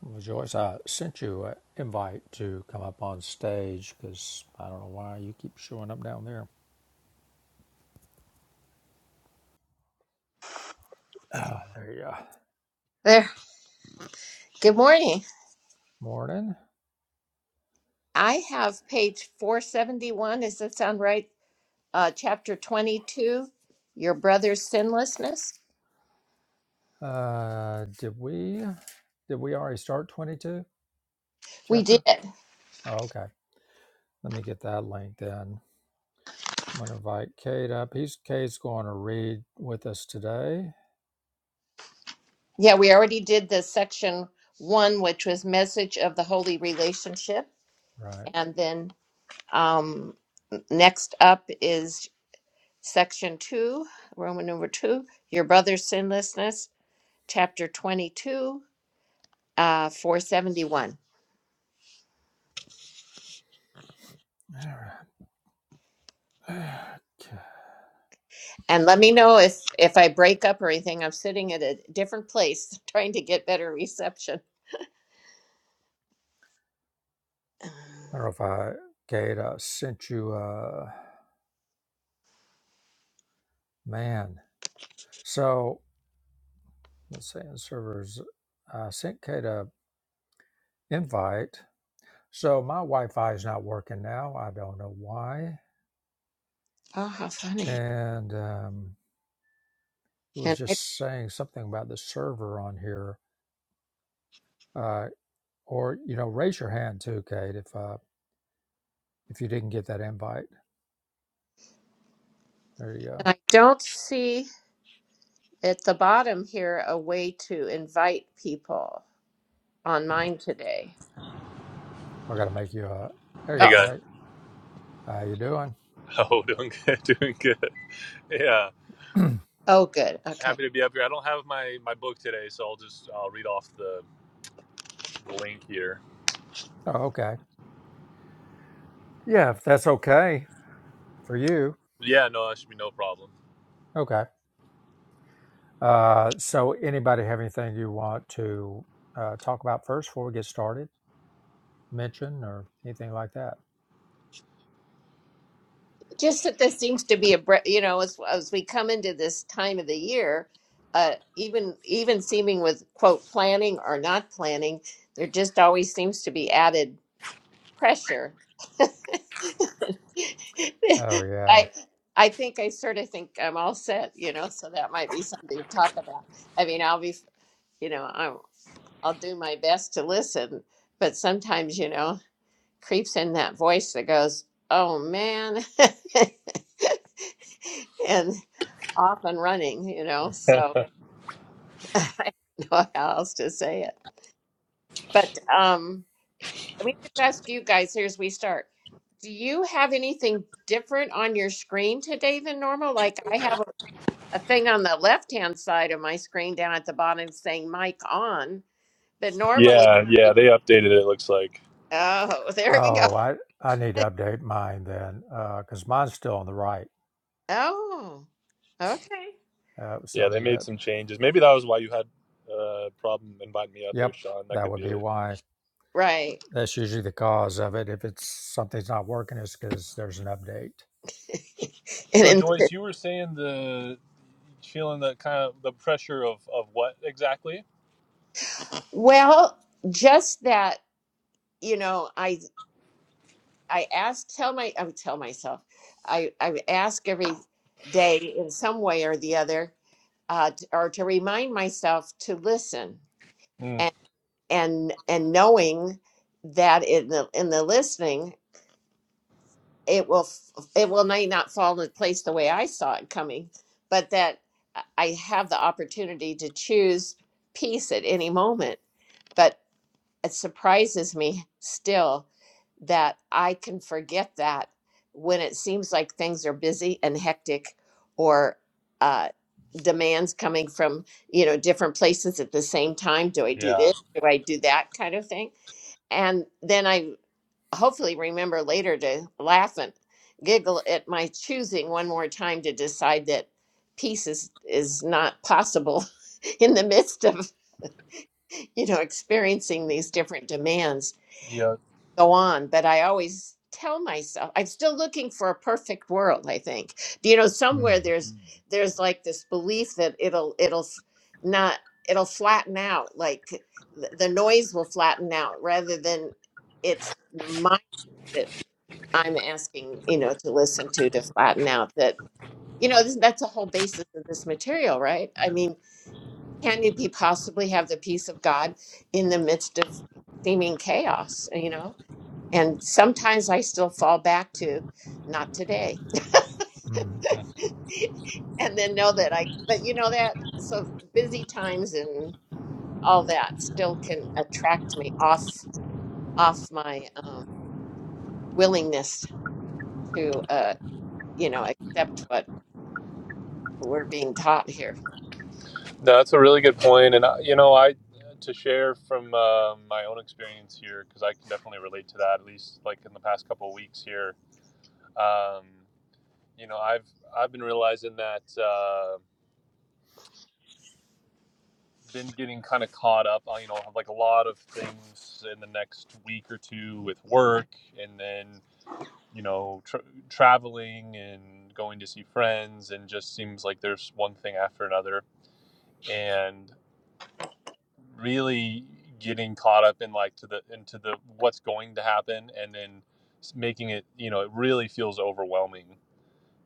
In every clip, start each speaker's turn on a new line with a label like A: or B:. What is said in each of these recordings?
A: Well, Joyce, I sent you an invite to come up on stage because I don't know why you keep showing up down there. Ah, there you go.
B: There. Good morning.
A: Morning.
B: I have page 471. Does that sound right? Uh, chapter 22, Your Brother's Sinlessness.
A: Uh, did we did we already start twenty two
B: We did.
A: chapter? Oh, okay. Let me get that link then. I'm gonna invite Kate up. He's Kate's going to read with us today.
B: Yeah, we already did the section one, which was Message of the Holy Relationship.
A: Right.
B: And then um, next up is section two, Roman number two, Your Brother's Sinlessness, chapter 22, uh, 471.
A: All right. Okay.
B: And let me know if if I break up or anything. I'm sitting at a different place trying to get better reception.
A: I don't know if I Kate I sent you. Uh, man. So Let's see, and servers. I sent Kate a invite. So my Wi-Fi is not working now. I don't know why.
B: Oh, how funny.
A: And um, it was
B: And I,
A: just saying something about the server on here. Uh, or you know, raise your hand too, Kate, if uh, if you didn't get that invite. There you
B: and
A: go.
B: I don't see at the bottom here a way to invite people on mine today.
A: I got to make you a. There you
C: Hey
A: all
B: Oh,
C: guys.
A: right? How you doing?
C: Oh, doing good, doing good. Yeah,
B: oh, good. Okay.
C: happy to be up here. I don't have my my book today, so I'll just I'll read off the the link here.
A: oh, okay. Yeah, if that's okay for you.
C: Yeah, no, that should be no problem.
A: Okay. Uh, so anybody have anything you want to uh, talk about first before we get started? mention or anything like that?
B: Just that this seems to be a, bre- you know, as, as we come into this time of the year, uh, even even seeming with quote planning or not planning, there just always seems to be added pressure.
A: Oh yeah.
B: I I think I sort of think I'm all set, you know, so that might be something to talk about. I mean, I'll be, you know, I'll, I'll do my best to listen, but sometimes, you know, creeps in that voice that goes, "Oh man." and off and running, you know. So I don't know how else to say it. But um Let me just ask you guys here as we start. Do you have anything different on your screen today than normal? Like I have a, a thing on the left hand side of my screen down at the bottom saying mic on but normally.
C: yeah, yeah, they updated it. It looks like.
B: Oh, there we go.
A: Oh, I I need to update mine then, because uh, mine's still on the right.
B: Oh, okay.
A: Uh, so
C: Yeah,
A: I
C: they
A: need
C: made
A: to.
C: some changes. Maybe that was why you had a problem inviting me up there,
A: Yep,
C: Sean. That
A: that
C: could
A: would
C: be
A: be
C: it.
A: why.
B: Right.
A: That's usually the cause of it. If it's something's not working, it's because there's an update.
B: And,
C: So
B: and
C: Joyce, you were saying the feeling that kind of the pressure of of what exactly?
B: well, just that, you know, I I ask, tell my, I would tell myself, I, I ask every day in some way or the other, uh, t- or to remind myself to listen
C: Mm,
B: and and and knowing that in the in the listening, it will f- it will may not fall into place the way I saw it coming, but that uh, I have the opportunity to choose peace at any moment it surprises me still that I can forget that when it seems like things are busy and hectic or uh, demands coming from you know different places at the same time do i do
C: yeah,
B: this do i do that kind of thing and then i hopefully remember later to laugh and giggle at my choosing one more time to decide that peace is is not possible in the midst of you know experiencing these different demands
C: yeah.
B: go on but I always tell myself I'm still looking for a perfect world I think you know
A: Mm,
B: somewhere there's Mm. there's like this belief that it'll it'll f- not it'll flatten out like th- the noise will flatten out rather than it's my that I'm asking you know to listen to to flatten out that you know this, that's a whole basis of this material right I mean can you be possibly have the peace of God in the midst of seeming chaos you know and sometimes I still fall back to not today.
A: mm.
B: and then know that I, but you know that, so busy times and all that still can attract me off, off my um, willingness to, uh, you know, accept what we're being taught here.
C: No, That's a really good point, and uh, you know, I to share from uh, my own experience here because I can definitely relate to that. At least, like in the past couple of weeks here, um, you know, I've I've been realizing that uh, been getting kind of caught up. on, You know, like a lot of things in the next week or two with work, and then you know, tra- traveling and going to see friends, and just seems like there's one thing after another. And really getting caught up in like to the into the what's going to happen and then making it you know it really feels overwhelming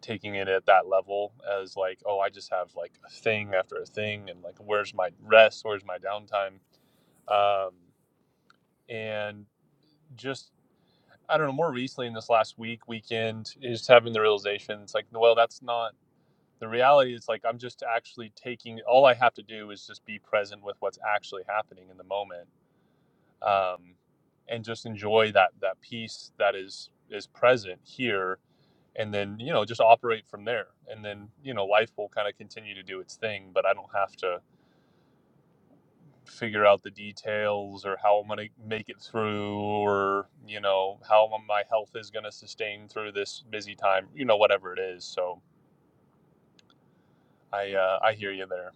C: taking it at that level as like oh i just have like a thing after a thing and like where's my rest where's my downtime um and just i don't know more recently in this last week weekend is having the realization it's like well that's not the reality it's like i'm just actually taking all i have to do is just be present with what's actually happening in the moment um, and just enjoy that that peace that is is present here and then you know just operate from there and then you know life will kind of continue to do its thing but i don't have to figure out the details or how i'm going to make it through or you know how my health is going to sustain through this busy time you know whatever it is so i uh, i hear you there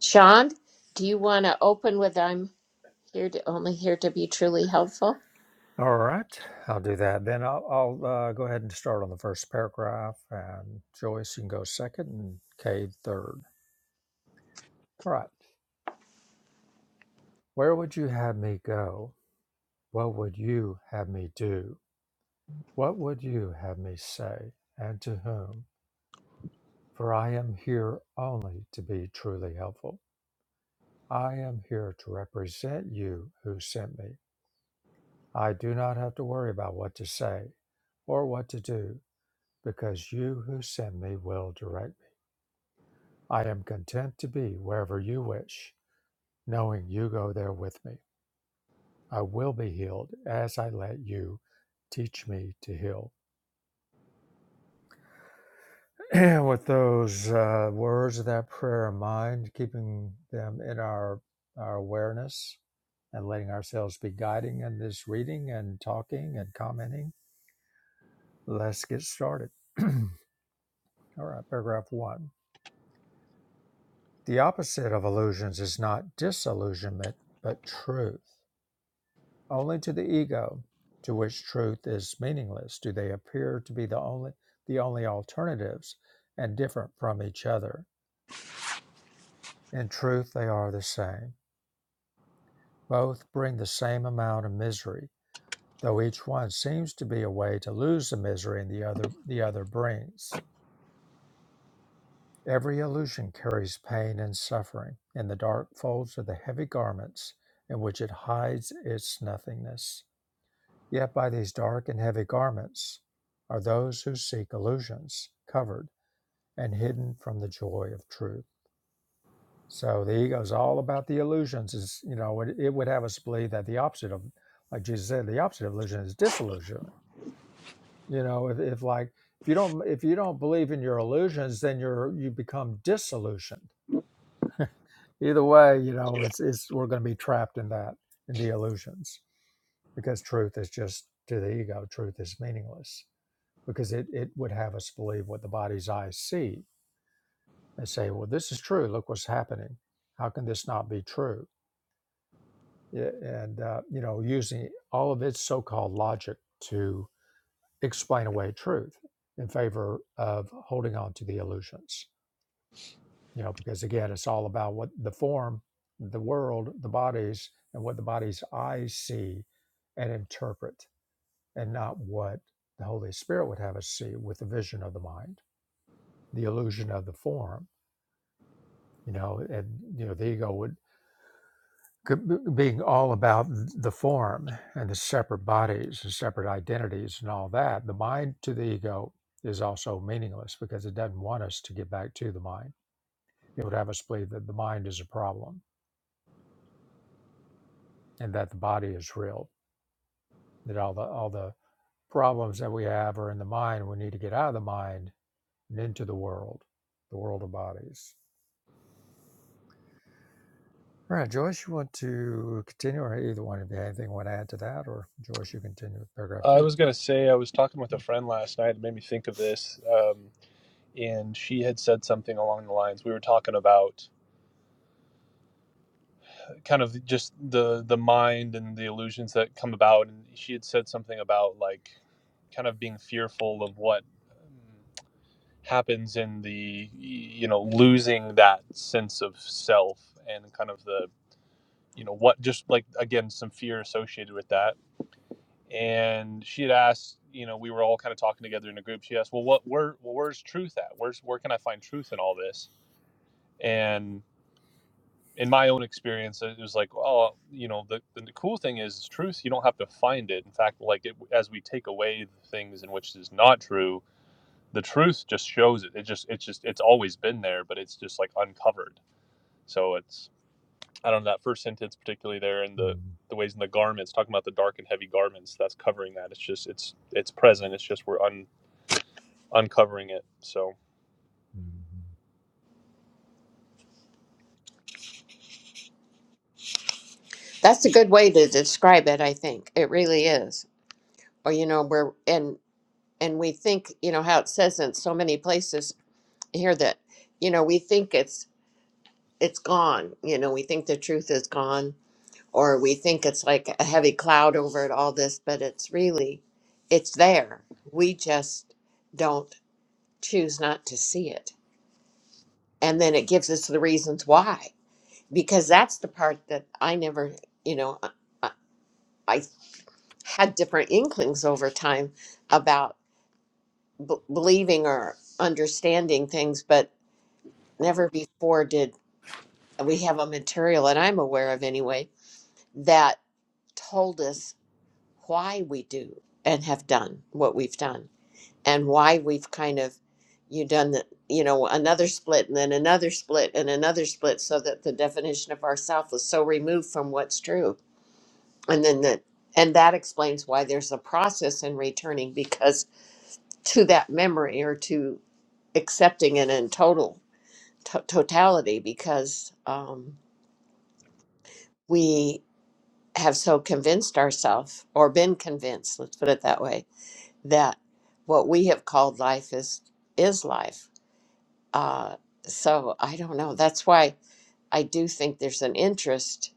B: Sean, do you want to open with I'm here to only here to be truly helpful?
A: All right, I'll do that. Then I'll, I'll uh, go ahead and start on the first paragraph, and Joyce, you can go second, and Kay third. All right. Where would you have me go? What would you have me do? What would you have me say, and to whom? For I am here only to be truly helpful. I am here to represent you who sent me. I do not have to worry about what to say or what to do, because you who sent me will direct me. I am content to be wherever you wish, knowing you go there with me. I will be healed as I let you teach me to heal. And with those uh, words of that prayer in mind, keeping them in our, our awareness and letting ourselves be guiding in this reading and talking and commenting, let's get started. All right, paragraph one. The opposite of illusions is not disillusionment, but truth. Only to the ego, to which truth is meaningless, do they appear to be the only, the only alternatives and different from each other. In truth, they are the same. Both bring the same amount of misery, though each one seems to be a way to lose the misery in the other the other brings. Every illusion carries pain and suffering in the dark folds of the heavy garments in which it hides its nothingness. Yet by these dark and heavy garments are those who seek illusions covered and hidden from the joy of truth. So the ego is all about the illusions. Is you know it, it would have us believe that the opposite of, like Jesus said, the opposite of illusion is disillusion. You know, if, if like if you don't if you don't believe in your illusions, then you're you become disillusioned. Either way, you know it's it's we're going to be trapped in that in the illusions because truth is just to the ego. Truth is meaningless because it it would have us believe what the body's eyes see and say, well, this is true. Look what's happening. How can this not be true? Yeah, and uh, you know using all of its so-called logic to explain away truth in favor of holding on to the illusions you know because again it's all about what the form the world the bodies and what the body's eyes see and interpret and not what the holy spirit would have us see with the vision of the mind the illusion of the form you know and you know the ego would c- b- being all about the form and the separate bodies and separate identities and all that, the mind to the ego is also meaningless because it doesn't want us to get back to the mind. It would have us believe that the mind is a problem and that the body is real. That all the all the problems that we have are in the mind. We need to get out of the mind and into the world, the world of bodies. All right, Joyce, you want to continue, or either one of you anything you want to add to that, or Joyce, you continue with paragraph
C: i
A: 2
C: was going to say i was talking with a friend last night it made me think of this um, and she had said something along the lines we were talking about kind of just the the mind and the illusions that come about and she had said something about like kind of being fearful of what um, happens in the you know losing that sense of self and kind of the you know what just like again some fear associated with that and she had asked you know we were all kind of talking together in a group she asked well what where well, where's truth at where's where can i find truth in all this And. in my own experience, it was like, oh, you know, the, the cool thing is truth. You don't have to find it. In fact, like it, as we take away the things in which is not true, the truth just shows it. It just, it's just, it's always been there, but it's just like uncovered. So it's, I don't know that first sentence particularly there in the the ways in the garments talking about the dark and heavy garments that's covering that. It's just, it's, it's present. It's just we're un uncovering it. So
A: Mhm.
B: That's a good way to describe it, I think. It really is. Or, you know, we're in. and we think you know how it says in so many places here that you know we think it's it's gone you know we think the truth is gone or we think it's like a heavy cloud over it all this but it's really it's there we just don't choose not to see it and then it gives us the reasons why because that's the part that i never you know i, I I had different inklings over time about b- believing or understanding things but never before did we have a material and I'm aware of anyway that told us why we do and have done what we've done and why we've kind of you done the you know another split and then another split and another split so that the definition of ourself was so removed from what's true and then the and that explains why there's a process in returning because to that memory or to accepting it in total to- totality because um, we have so convinced ourselves or been convinced let's put it that way that what we have called life is is life uh, so i don't know that's why i do think there's an interest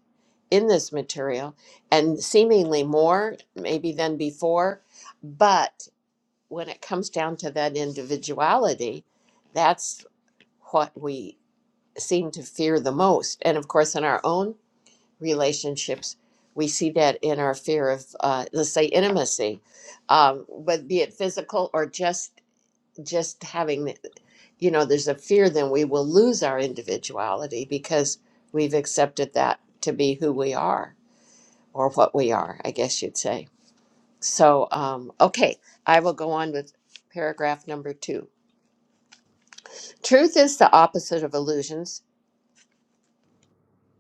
B: in this material and seemingly more maybe than before but when it comes down to that individuality that's what we seem to fear the most and of course in our own relationships. We see that in our fear of, uh, let's say, intimacy, um, but be it physical or just just having, the- you know, there's a fear then we will lose our individuality because we've accepted that to be who we are or what we are, I guess you'd say. So, um, okay, I will go on with paragraph number two. Truth is the opposite of illusions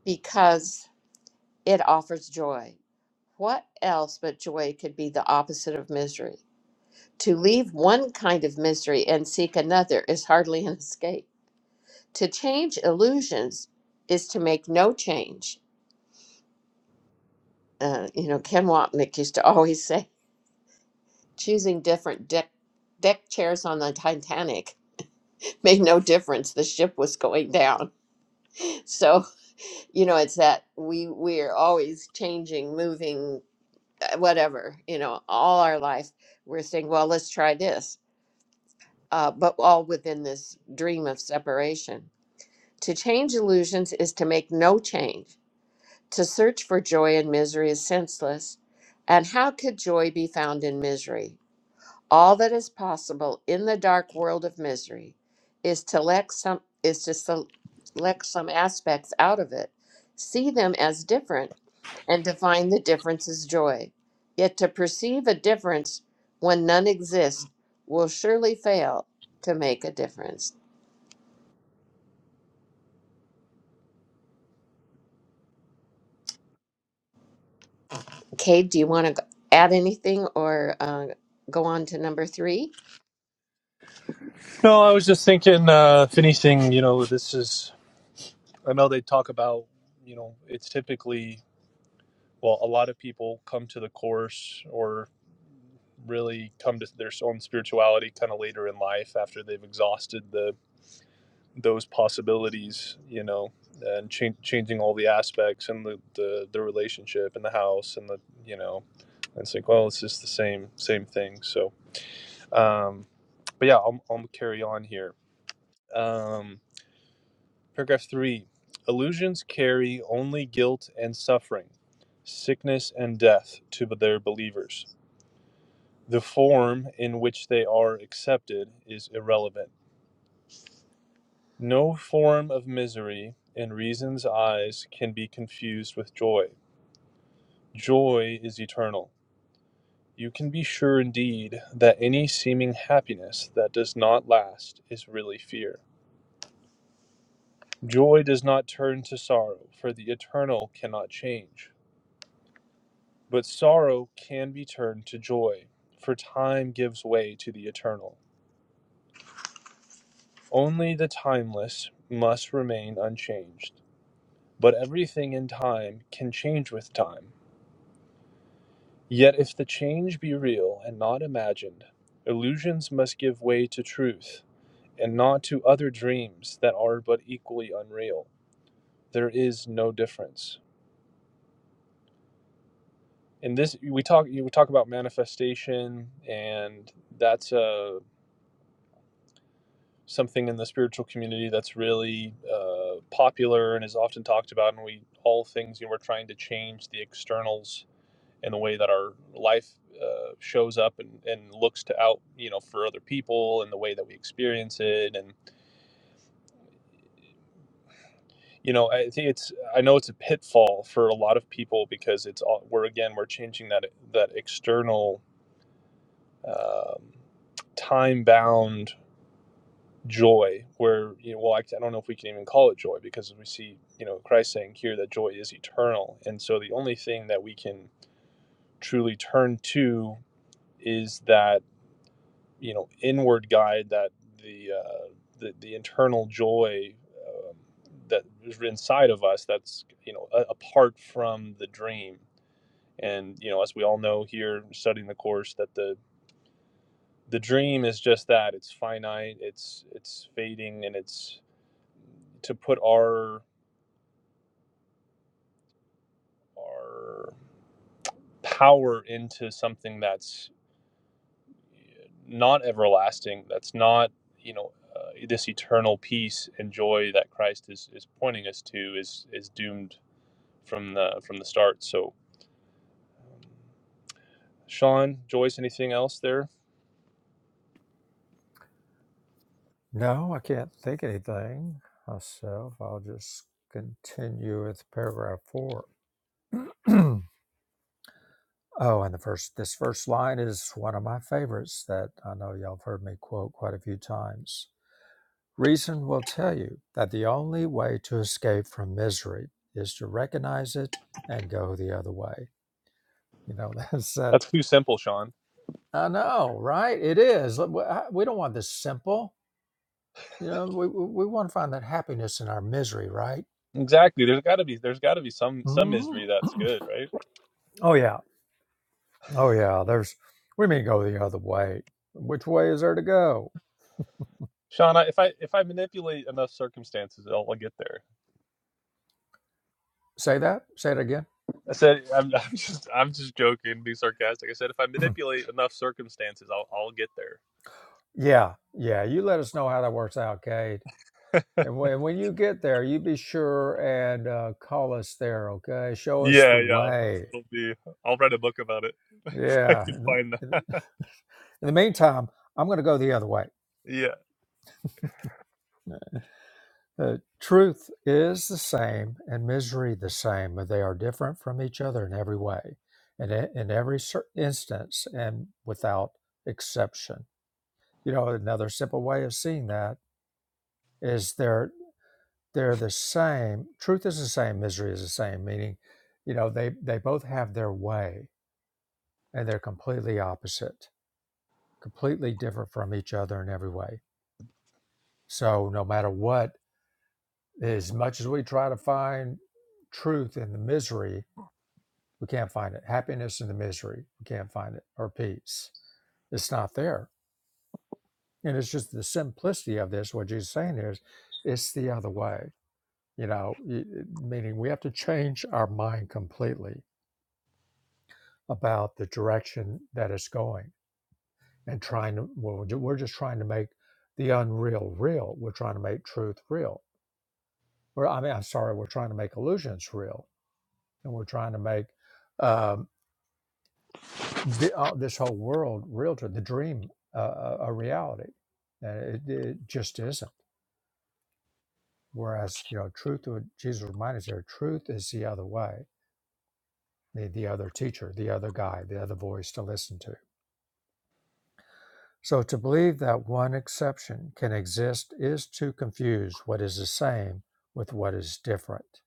B: because it offers joy. What else but joy could be the opposite of misery? To leave one kind of misery and seek another is hardly an escape. To change illusions is to make no change. Uh, you know, Ken Wapnick used to always say, choosing different deck, deck chairs on the Titanic made no difference. The ship was going down. So, you know, it's that we, we're always changing, moving, uh, whatever, you know, all our life. We're saying, well, let's try this uh, but all within this dream of separation. To change illusions is to make no change. To search for joy in misery is senseless. And how could joy be found in misery? All that is possible in the dark world of misery is to let some is to select some aspects out of it, see them as different, and define the difference as joy. Yet to perceive a difference when none exists will surely fail to make a difference. Kate, do you want to add anything or uh, go on to number three?
C: no, I was just thinking, uh, if you know, this is I know they talk about, you know, it's typically well, a lot of people come to the course or really come to their own spirituality kind of later in life after they've exhausted the those possibilities, you know, and chan- changing all the aspects and the, the the relationship and the house and the you know, and it's like well, it's just the same same thing. So, um, but yeah, I'll, I'll carry on here. Um, paragraph three: illusions carry only guilt and suffering, sickness and death to their believers The form in which they are accepted is irrelevant. No form of misery in reason's eyes can be confused with joy. Joy is eternal. You can be sure indeed that any seeming happiness that does not last is really fear. Joy does not turn to sorrow, for the eternal cannot change. But sorrow can be turned to joy, for time gives way to the eternal. Only the timeless must remain unchanged. But everything in time can change with time. Yet if the change be real and not imagined, illusions must give way to truth, and not to other dreams that are but equally unreal. There is no difference. in this we talk you talk about manifestation, and that's uh, something in the spiritual community that's really uh, popular and is often talked about. And we all things you know, we're trying to change the externals and the way that our life uh, shows up and, and looks to out you know for other people and the way that we experience it and you know i think it's i know it's a pitfall for a lot of people because it's all we're again we're changing that that external um, time bound joy where you know well I, I don't know if we can even call it joy because we see you know christ saying here that joy is eternal and so the only thing that we can truly turn to is that you know inward guide that the uh, the, the internal joy um, that is inside of us that's you know a, apart from the dream and you know as we all know here studying the course that the the dream is just that it's finite it's it's fading and it's to put our our power into something that's not everlasting. That's not you know uh, this eternal peace and joy that Christ is, is pointing us to is is doomed from the from the start. So, um, Sean, Joyce, anything else there?
A: No, I can't think anything myself. I'll just continue with paragraph four. oh, and the first this first line is one of my favorites that I know y'all have heard me quote quite a few times. Reason will tell you that the only way to escape from misery is to recognize it and go the other way. You know, that's that.
C: That's too simple, Sean.
A: I know, right? It is. We don't want this simple. You know, we, we we want to find that happiness in our misery, right?
C: Exactly. There's got to be there's got to be some some
A: hmm
C: misery that's good, right?
A: Oh yeah. Oh yeah. There's we may go the other way. Which way is there to go?
C: Sean, I, if I if I manipulate enough circumstances, I'll, I'll get there.
A: Say that. Say it again.
C: I said I'm, I'm just I'm just joking, be sarcastic. I said if I manipulate enough circumstances, I'll I'll get there.
A: Yeah. Yeah. You let us know how that works out, Kate. And when, when you get there, you be sure and uh, call us there, okay? Show us the
C: Yeah, yeah.
A: way.
C: It'll be. I'll write a book about it if I
A: Yeah.
C: can
A: In
C: find
A: the,
C: that.
A: in the meantime, I'm going to go the other way.
C: Yeah.
A: Uh, truth is the same and misery the same, but they are different from each other in every way, and in e, in every cer- instance, and without exception. You know, another simple way of seeing that is they're they're the same. Truth is the same, misery is the same. Meaning, you know, they they both have their way, and they're completely opposite, completely different from each other in every way. So, no matter what, as much as we try to find truth in the misery, We can't find it. Happiness and the misery. We can't find it. Or peace. It's not there. And it's just the simplicity of this. What Jesus is saying is, it's the other way. You know, meaning we have to change our mind completely about the direction that it's going and trying to, well, we're we're just trying to make the unreal real. We're trying to make truth real. Or, I mean, I'm sorry, we're trying to make illusions real. And we're trying to make, um, the, uh, this whole world realtor the dream uh, uh, a reality and it, it just isn't whereas you know truth would jesus reminds us here truth is the other way the, the other teacher the other guy the other voice to listen to so to believe that one exception can exist is to confuse what is the same with what is different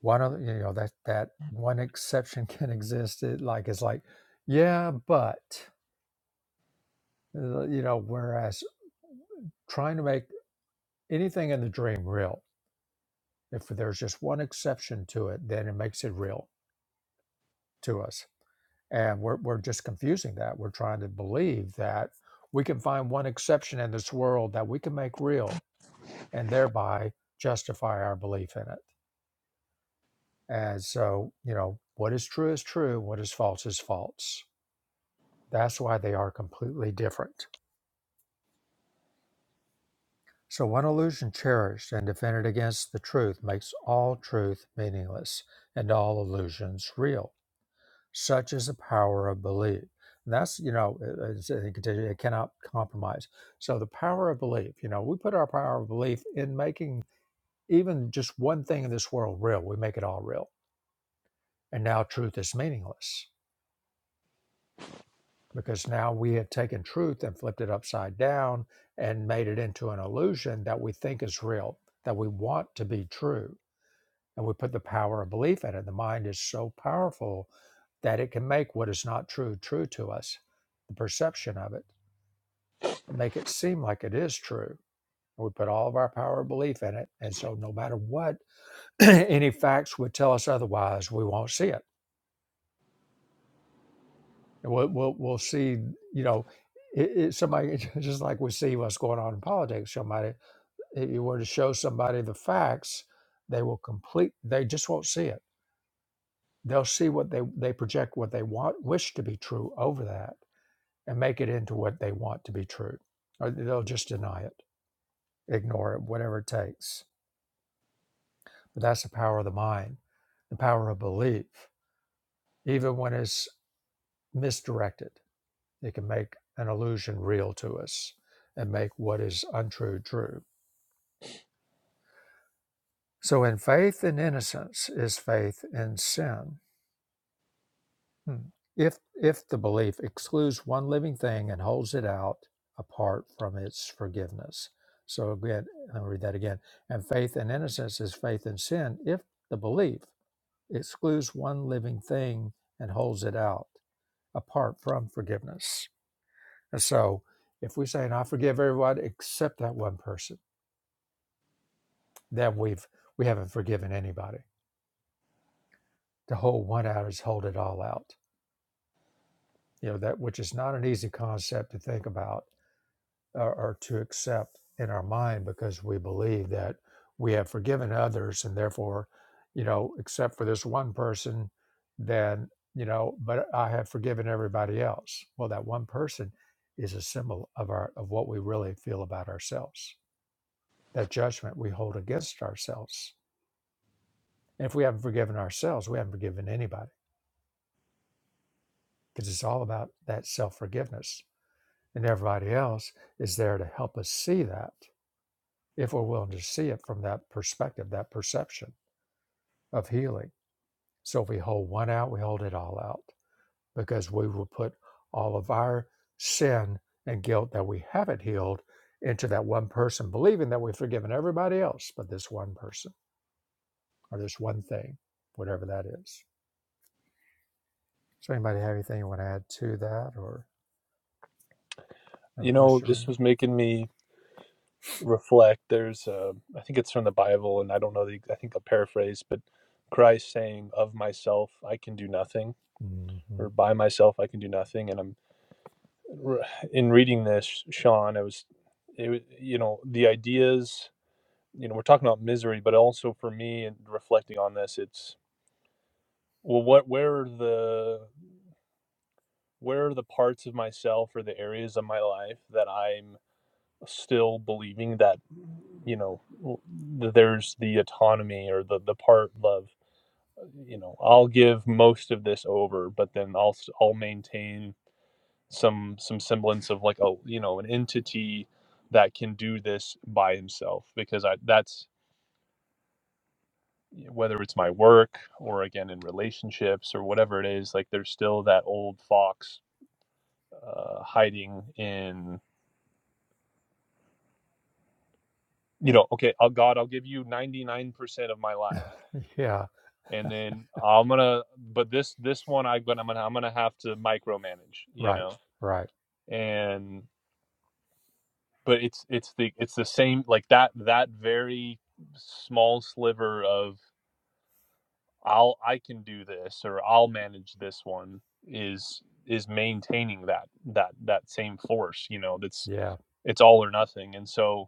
A: one of you know that that one exception can exist it like it's like yeah but uh, you know whereas trying to make anything in the dream real. If there's just one exception to it, then it makes it real to us. And we're, we're just confusing that. We're trying to believe that we can find one exception in this world that we can make real and thereby justify our belief in it. And so, you know, what is true is true, what is false is false. That's why they are completely different. So, one illusion cherished and defended against the truth makes all truth meaningless and all illusions real. Such is the power of belief. And that's, you know, it, it's- it continue- it cannot compromise. So the power of belief, you know, we put our power of belief in making even just one thing in this world real. We make it all real. And now truth is meaningless because now we have taken truth and flipped it upside down and made it into an illusion that we think is real, that we want to be true and we put the power of belief in it. The mind is so powerful that it can make what is not true true to us, the perception of it, and make it seem like it is true. And we put all of our power of belief in it. And so, no matter what any facts would tell us otherwise, we won't see it. We'll, we'll, we'll see, you know, it, it, somebody, just like we see what's going on in politics, somebody, if you were to show somebody the facts, they will complete, they just won't see it they'll see what they they project what they want wish to be true over that and make it into what they want to be true or they'll just deny it ignore it whatever it takes but that's the power of the mind the power of belief even when it's misdirected it can make an illusion real to us and make what is untrue true so in faith and innocence is faith in sin Hmm. If if the belief excludes one living thing and holds it out apart from its forgiveness. So again, I'll read that again. And faith in innocence is faith in sin if the belief excludes one living thing and holds it out apart from forgiveness. And so if we say, and I forgive everyone except that one person, then we've we haven't forgiven anybody. To hold one out is hold it all out. You know, that which is not an easy concept to think about or, or to accept in our mind because we believe that we have forgiven others and therefore you know except for this one person then you know but i have forgiven everybody else well that one person is a symbol of our of what we really feel about ourselves that judgment we hold against ourselves and if we haven't forgiven ourselves we haven't forgiven anybody because it's all about that self-forgiveness and everybody else is there to help us see that if we're willing to see it from that perspective, that perception of healing. So if we hold one out, we hold it all out because we will put all of our sin and guilt that we haven't healed into that one person, believing that we've forgiven everybody else but this one person or this one thing, whatever that is. So anybody have anything you want to add to that or have a
C: You know,
A: question?
C: this
A: Raymond?
C: was making me reflect. There's, uh, I think it's from the Bible, and I don't know the, I think a paraphrase, but Christ saying, "Of myself, I can do nothing," or
A: Mhm.
C: "By myself, I can do nothing." And I'm in reading this, Sean. I was, it, was, you know, the ideas. You know, we're talking about misery, but also for me, and reflecting on this, it's well, what, where are the where are the parts of myself or the areas of my life that I'm still believing that you know there's the autonomy or the the part of uh, you know I'll give most of this over but then I'll i I'll maintain some some semblance of like a you know an entity that can do this by himself because I that's whether it's my work or again in relationships or whatever it is like there's still that old fox uh, hiding in you know, okay, I'll, God, I'll give you 99% of my life.
A: Yeah,
C: And then I'm gonna, but this, this one I'm gonna, I'm gonna, have to micromanage, you
A: right,
C: know,
A: right.
C: and, but it's, it's the, it's the same, like that, that very small sliver of I'll, I can do this or I'll manage this one is, is maintaining that, that, that same force, you know, that's,
A: Yeah.
C: it's all or nothing. And so,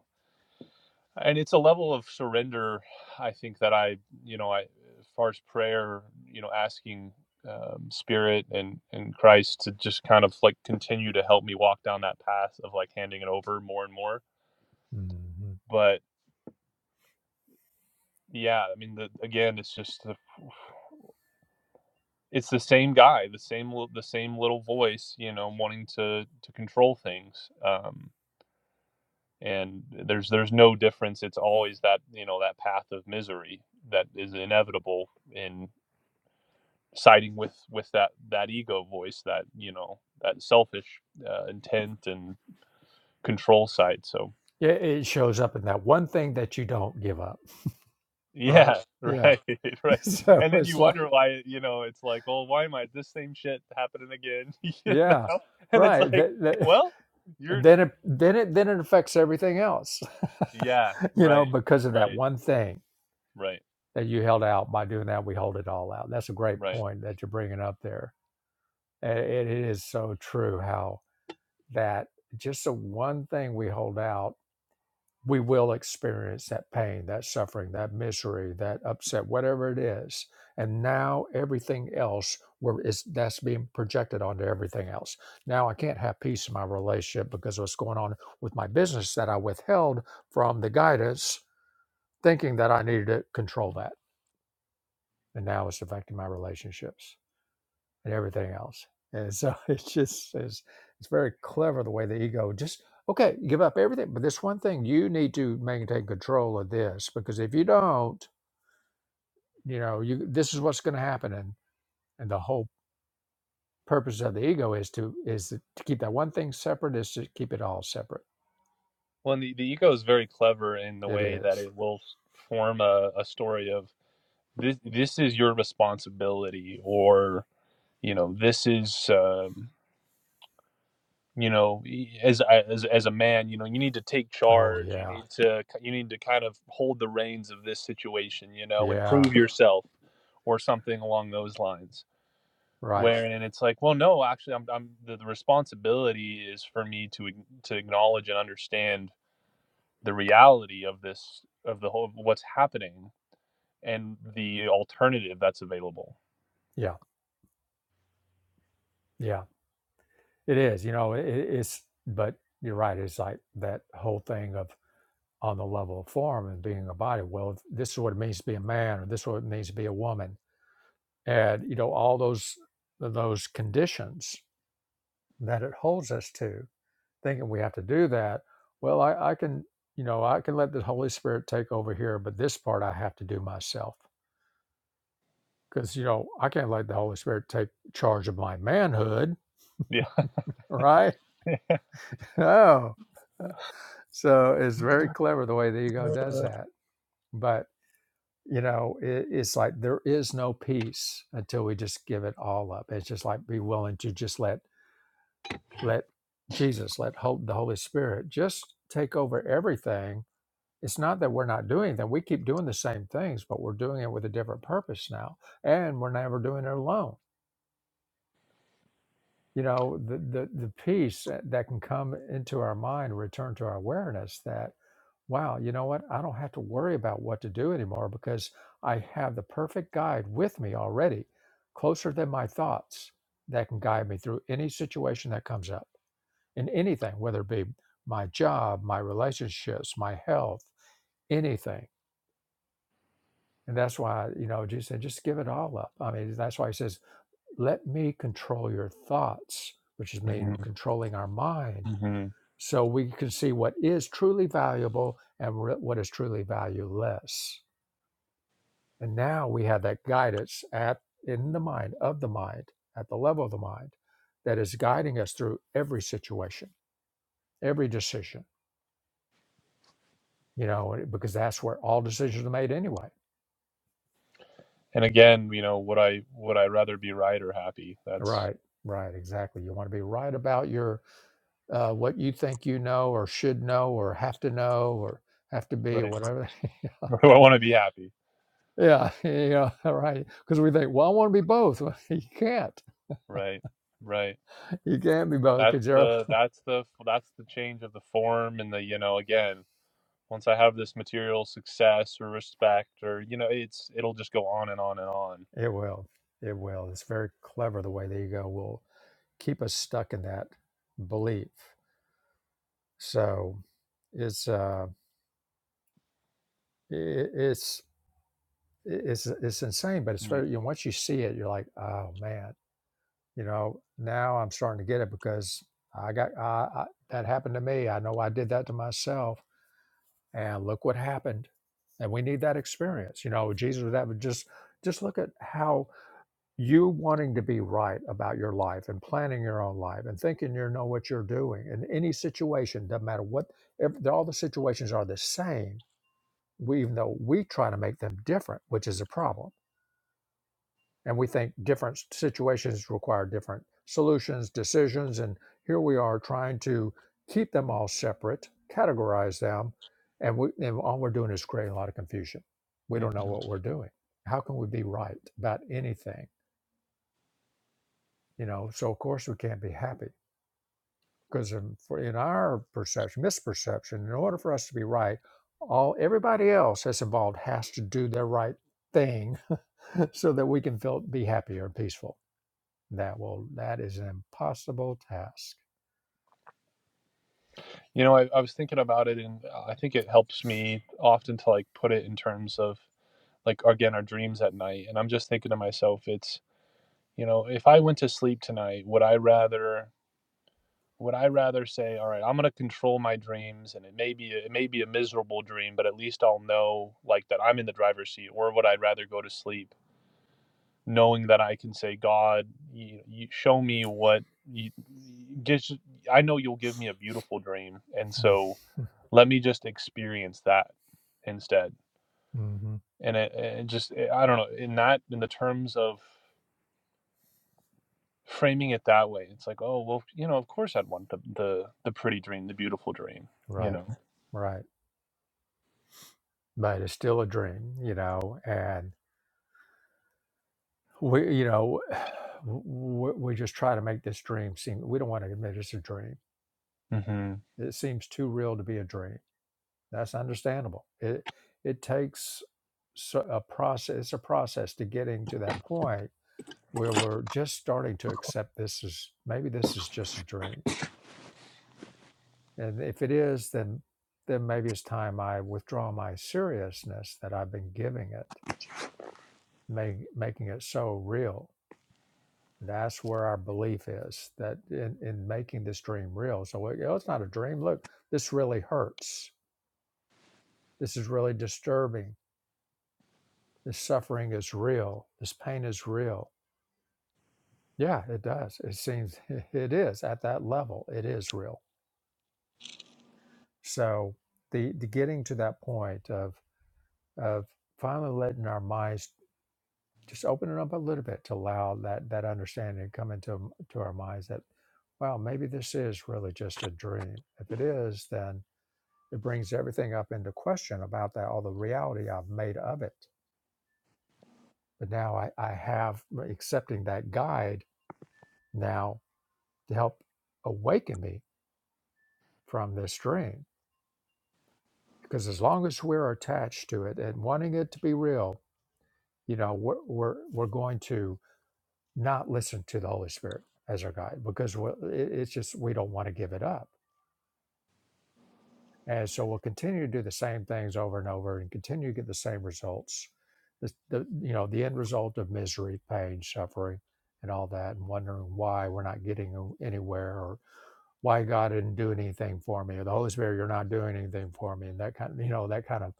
C: and it's a level of surrender i think that i you know i as far as prayer you know asking um, spirit and and christ to just kind of like continue to help me walk down that path of like handing it over more and more
A: hmm
C: but yeah i mean the, again it's just the, it's the same guy the same li- the same little voice you know wanting to to control things um and there's there's no difference it's always that you know that path of misery that is inevitable in. siding with with that that ego voice that you know that selfish uh, intent and control side so
A: Yeah, it shows up in that one thing that you don't give up right?
C: yeah
A: Yeah.
C: right right
A: So
C: and then you
A: it's like,
C: wonder why you know it's like oh why am i this same shit happening again you
A: yeah,
C: know and it's
A: right.
C: like
A: That, that,
C: well
A: and
C: you're
A: then it then it then it affects everything else,
C: yeah
A: you know,
C: right
A: because of that
C: right
A: one thing
C: right
A: that you held out. By doing that, we hold it all out. That's a great
C: right
A: point that you're bringing up there. And it is so true how that just the one thing we hold out we will experience that pain, that suffering, that misery, that upset, whatever it is. And now everything else where is that's being projected onto everything else. Now I can't have peace in my relationship because of what's going on with my business that I withheld from the guidance, thinking that I needed to control that. And now it's affecting my relationships and everything else. And so it's just it's, it's very clever the way the ego just okay, give up everything, but this one thing you need to maintain control of this because if you don't, you know, you this is what's going to happen, and and the whole purpose of the ego is to is to keep that one thing separate is to keep it all separate.
C: well and the, the ego is very clever in the
A: It
C: way that
A: is.
C: it will form a, a story of this this is your responsibility or you know this is um, you know as, uh, as as a man you know you need to take
A: Oh
C: charge you
A: yeah,
C: need to you need to kind of hold the reins of this situation you know and
A: yeah,
C: prove yourself or something along those lines
A: right,
C: wherein it's like well no actually i'm, I'm the, the responsibility is for me to to acknowledge and understand the reality of this of the whole of what's happening and the alternative that's available
A: yeah, yeah. It is. You know, it, it's but you're right. It's like that whole thing of on the level of form and being a body. Well, this is what it means to be a man, or this is what it means to be a woman, and you know all those those conditions that it holds us to, thinking we have to do that. Well, I, I can you know I can let the Holy Spirit take over here, but this part I have to do myself because you know I can't let the Holy Spirit take charge of my manhood,
C: yeah
A: right? Oh, so it's very clever the way the ego does that, but. you know it, it's like there is no peace until we just give it all up it's just like be willing to just let let jesus let hold the holy spirit just take over everything it's not that we're not doing that we keep doing the same things but we're doing it with a different purpose now and we're never doing it alone you know the, the the peace eh, that can come into our mind return to our awareness that wow you know what i don't have to worry about what to do anymore because i have the perfect guide with me already closer than my thoughts that can guide me through any situation that comes up in anything whether it be my job my relationships my health anything and that's why you know jesus said just give it all up i mean that's why he says let me control your thoughts, which is meaning controlling our mind,
C: hmm
A: so we can see what is truly valuable and what is truly valueless. And now we have that guidance at in the mind of the mind at the level of the mind that is guiding us through every situation, every decision. You know, because that's where all decisions are made anyway.
C: and again you know would i would i rather be right or happy that's
A: Right. Right. Exactly. You want to be right about your uh, what you think you know or should know or have to know or have to be,
C: right
A: whatever
C: I want to be happy.
A: Yeah, yeah, right. Because we think, well, I want to be both. Well, you can't.
C: Right. Right.
A: You can't be both
C: That's
A: because you're.
C: the that's the that's the change of the form and the you know again once I have this material success or respect or you know it's it'll just go on and on and on.
A: It will. It will. It's very clever the way that you go. will keep us stuck in that belief. So it's uh, i it's it's it's insane, but it's
C: Mhm.
A: very. You know, once you see it, you're like, oh man, you know, now I'm starting to get it because I got I, I, that happened to me. I know I did that to myself and look what happened and we need that experience you know jesus would have just just look at how you wanting to be right about your life and planning your own life and thinking you know what you're doing in any situation doesn't matter what ev all the situations are the same we even though we try to make them different which is a problem and we think different situations require different solutions, decisions, and here we are trying to keep them all separate, categorize them, and we and all we're doing is creating a lot of confusion. We don't know what
C: Mhm.
A: we're doing. How can we be right about anything? You know, so of course we can't be happy because in, for, in our perception, misperception, in order for us to be right, all everybody else that's involved has to do their right thing so that we can feel be happy or peaceful That will that is an impossible task.
C: You know, I, I was thinking about it and I think it helps me often to like put it in terms of like again our dreams at night and I'm just thinking to myself it's you know if I went to sleep tonight would I rather Would I rather say, "All right, I'm gonna control my dreams, and it may be it may be a miserable dream, but at least I'll know like that I'm in the driver's seat," or would I rather go to sleep knowing that I can say, "God, you, you show me what you just I know you'll give me a beautiful dream, and so let me just experience that instead."
A: hmm
C: And it, it just eh, I don't know in that in the terms of framing it that way, it's like, oh well, you know, of course I'd want the the the pretty dream, the beautiful dream, you
A: Right,
C: know.
A: right. But it's still a dream, you know. And we, you know, we, we just try to make this dream seem. We don't want to admit it's a dream.
C: Mhm.
A: It seems too real to be a dream. That's understandable. It it takes so- a process. It's a process to getting to that point where we're just starting to accept this is maybe this is just a dream And if it is, then then maybe it's time I withdraw my seriousness that I've been giving it, make, making it so real. That's where our belief is that in, in making this dream real. So you know, it's not a dream. Look, this really hurts. This is really disturbing. This suffering is real. This pain is real. Yeah, it does. It seems it is at that level. It is real. So the, the getting to that point of of finally letting our minds just open it up a little bit to allow that that understanding to come into to our minds that wow maybe this is really just a dream if it is then it brings everything up into question about that all the reality i've made of it but now i, I have uh, accepting that guide now to help awaken me from this dream because as long as we're attached to it and wanting it to be real you know we're we're, we're going to not listen to the Holy Spirit as our guide because it's just we don't want to give it up. And so we'll continue to do the same things over and over and continue to get the same results. The, the you know the end result of misery, pain, suffering, and all that, and wondering why we're not getting anywhere or why God didn't do anything for me or the Holy Spirit, you're not doing anything for me, and that kind of you know that kind of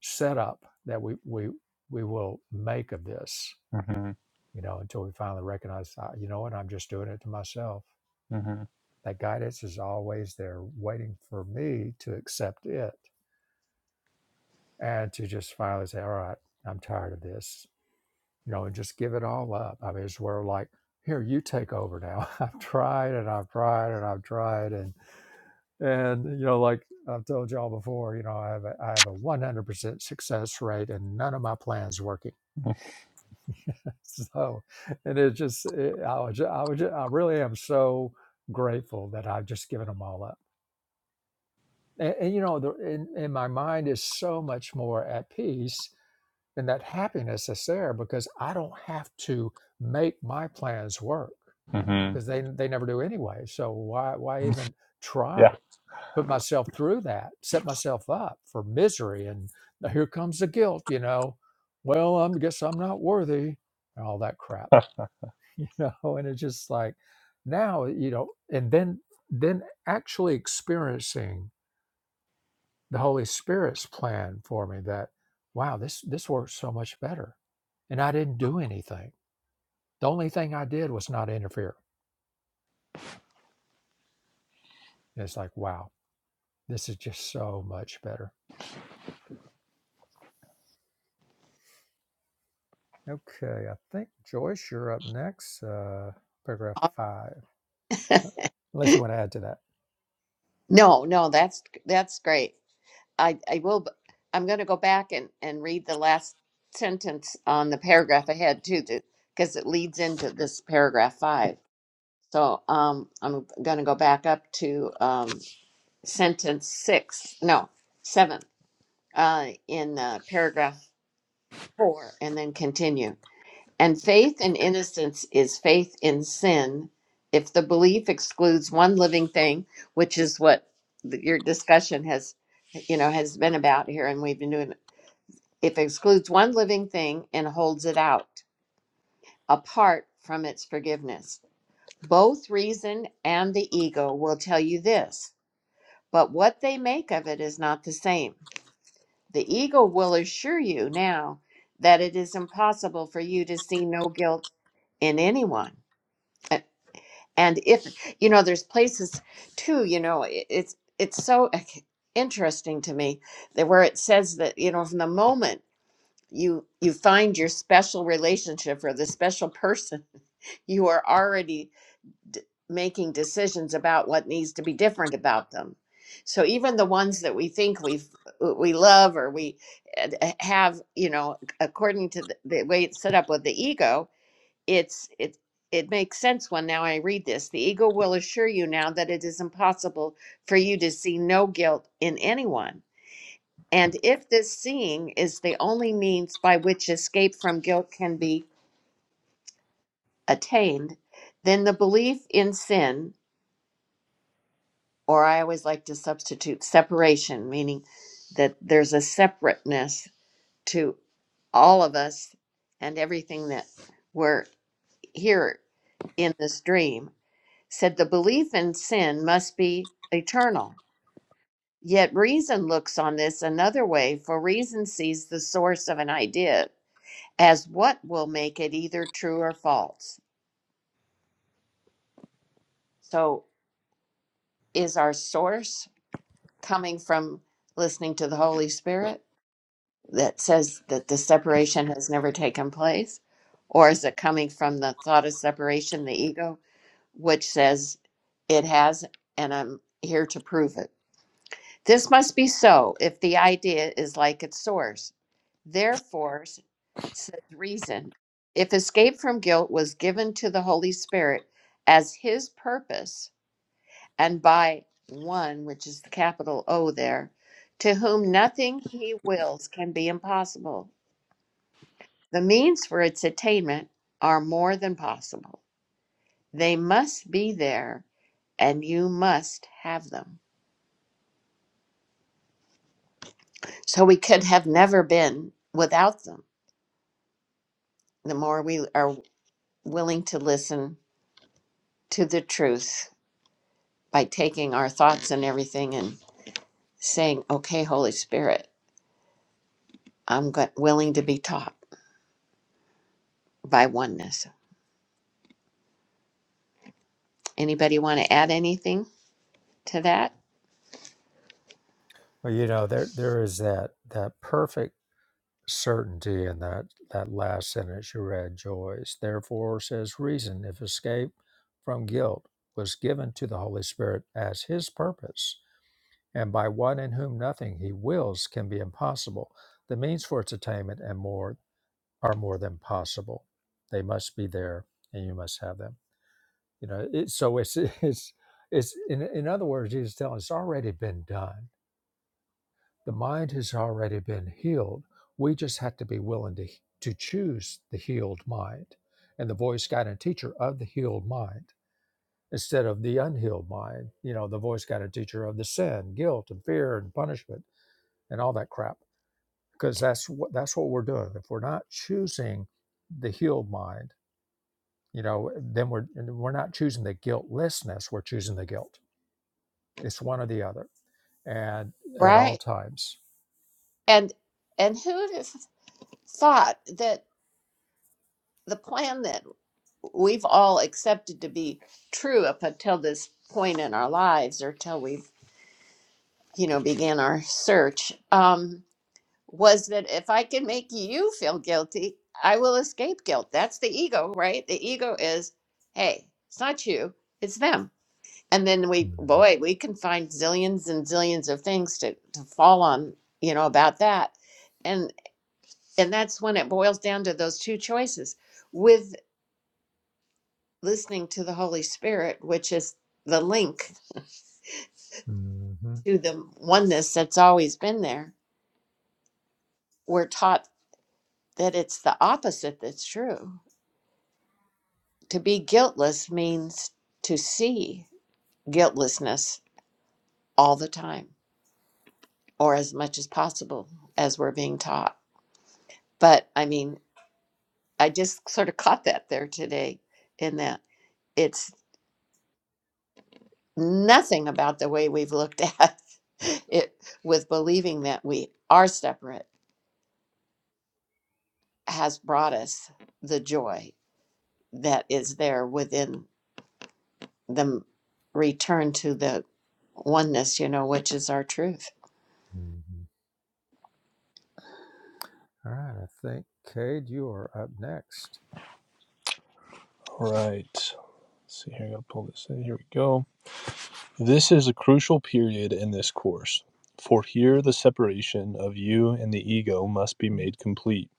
A: setup that we we we will make of this,
C: hmm
A: you know, until we finally recognize, uh, you know what, I'm just doing it to myself
C: hmm
A: That guidance is always there waiting for me to accept it and to just finally say, all right, I'm tired of this, you know, and just give it all up. I mean, it's where like, here, you take over now. I've tried and I've tried and I've tried. And, and, you know, like I've told y'all before, you know, I have a, I have a 100% success rate and none of my plans working. So, and it just, it, I was, I was, I really am so grateful that I've just given them all up and, and, you know the, in, in my mind is so much more at peace and that happiness is there because i don't have to make my plans work
C: hmm
A: because they they never do anyway so why why even
C: Yeah.
A: try put myself through that set myself up for misery and now here comes the guilt you know well i guess i'm not worthy and all that crap
C: All
A: you know and it's just like now you know and then then actually experiencing the Holy Spirit's plan for me that wow, this this works so much better. And I didn't do anything. The only thing I did was not interfere. And it's like, wow, this is just so much better. Okay, I think Joyce, you're up next. Uh, paragraph five. Unless you want to add to that.
B: no, no, that's that's great. I, I will, but I'm going to go back and, and read the last sentence on the paragraph ahead too, because it leads into this paragraph five. So um, I'm going to go back up to um, sentence six, no, seven, uh, in uh, paragraph four, and then continue. And faith in innocence is faith in sin if the belief excludes one living thing, which is what the, your discussion has you know has been about here and we've been doing If it excludes one living thing and holds it out apart from its forgiveness. Both reason and the ego will tell you this, but what they make of it is not the same. The ego will assure you now that it is impossible for you to see no guilt in anyone. A- And if you know, there's places too. You know, i- it's it's so interesting to me that where it says that you know from the moment you you find your special relationship or the special person you are already d- making decisions about what needs to be different about them so even the ones that we think we we love or we uh, d- eh, have you know according to the, the way it's set up with the ego it's it it makes sense when now i read this the ego will assure you now that it is impossible for you to see no guilt in anyone and if this seeing is the only means by which escape from guilt can be attained, then the belief in sin, or I always like to substitute separation, meaning that there's a separateness to all of us and everything that we're here in this dream, said the belief in sin must be eternal. Yet reason looks on this another way, for reason sees the source of an idea as what will make it either true or false. So, is our source coming from listening to the Holy Spirit that says that the separation has never taken place? Or is it coming from the thought of separation, the ego, which says it has and I'm here to prove it? This must be so if the idea is like its source. Therefore, says reason, if escape from guilt was given to the Holy Spirit as his purpose, and by one, which is the capital O there, to whom nothing he wills can be impossible, the means for its attainment are more than possible. They must be there, and you must have them. So we could have never been without them. The more we are willing to listen to the truth by taking our thoughts and everything and saying, "Okay, Holy Spirit, I'm go- willing to be taught by oneness." Anybody want to add anything to that?
A: Well, you know, there there is that that perfect certainty in that, that last sentence you read, Joyce. Therefore, says reason, if escape from guilt was given to the Holy Spirit as his purpose, and by one in whom nothing he wills can be impossible, the means for its attainment and more are more than possible. They must be there, and you must have them. You know, it, so it's it's it's in, in other words, Jesus is telling us, it's already been done the mind has already been healed. We just have to be willing to, to choose the healed mind and the voice, guide, and teacher of the healed mind instead of the unhealed mind, you know, the voice, guide, and teacher of the sin, guilt, and fear, and punishment, and all that crap. Because that's what that's what we're doing. If we're not choosing the healed mind, you know, then we're we're not choosing the guiltlessness. We're choosing the guilt. It's one or the other, and at all
B: Right.
A: times.
B: And and who'd have thought that the plan that we've all accepted to be true up until this point in our lives or till we, you know, began our search, um, was that if I can make you feel guilty, I will escape guilt. That's the ego, right? The ego is, hey, it's not you, it's them. And then we,
A: Mhm.
B: boy, we can find zillions and zillions of things to, to fall on, you know, about that. And and that's when it boils down to those two choices with listening to the Holy Spirit, which is the link
A: Mhm.
B: to the oneness that's always been there. We're taught that it's the opposite that's true To be guiltless means to see guiltlessness all the time or as much as possible as we're being taught. But I mean, I just sort of caught that there today in that it's nothing about the way we've looked at it with believing that we are separate has brought us the joy that is there within the m- return to the oneness, you know, which is our truth.
A: Mhm. All right, I think Cade, you are up next.
C: right. Let's see here. I gotta pull this in. Here we go. This is a crucial period in this course, for here the separation of you and the ego must be made complete.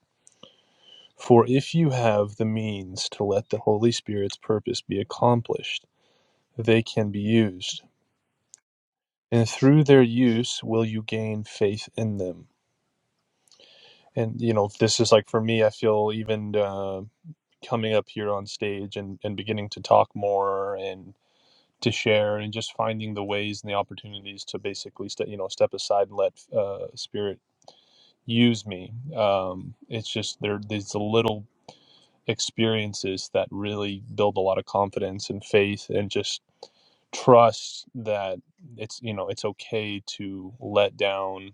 C: For if you have the means to let the Holy Spirit's purpose be accomplished, they can be used, and through their use will you gain faith in them. And you know, this is like for me, I feel even. Uh, coming up here on stage and, and beginning to talk more and to share and just finding the ways and the opportunities to basically st- you know step aside and let uh, spirit use me um, it's just there these little experiences that really build a lot of confidence and faith and just trust that it's you know it's okay to let down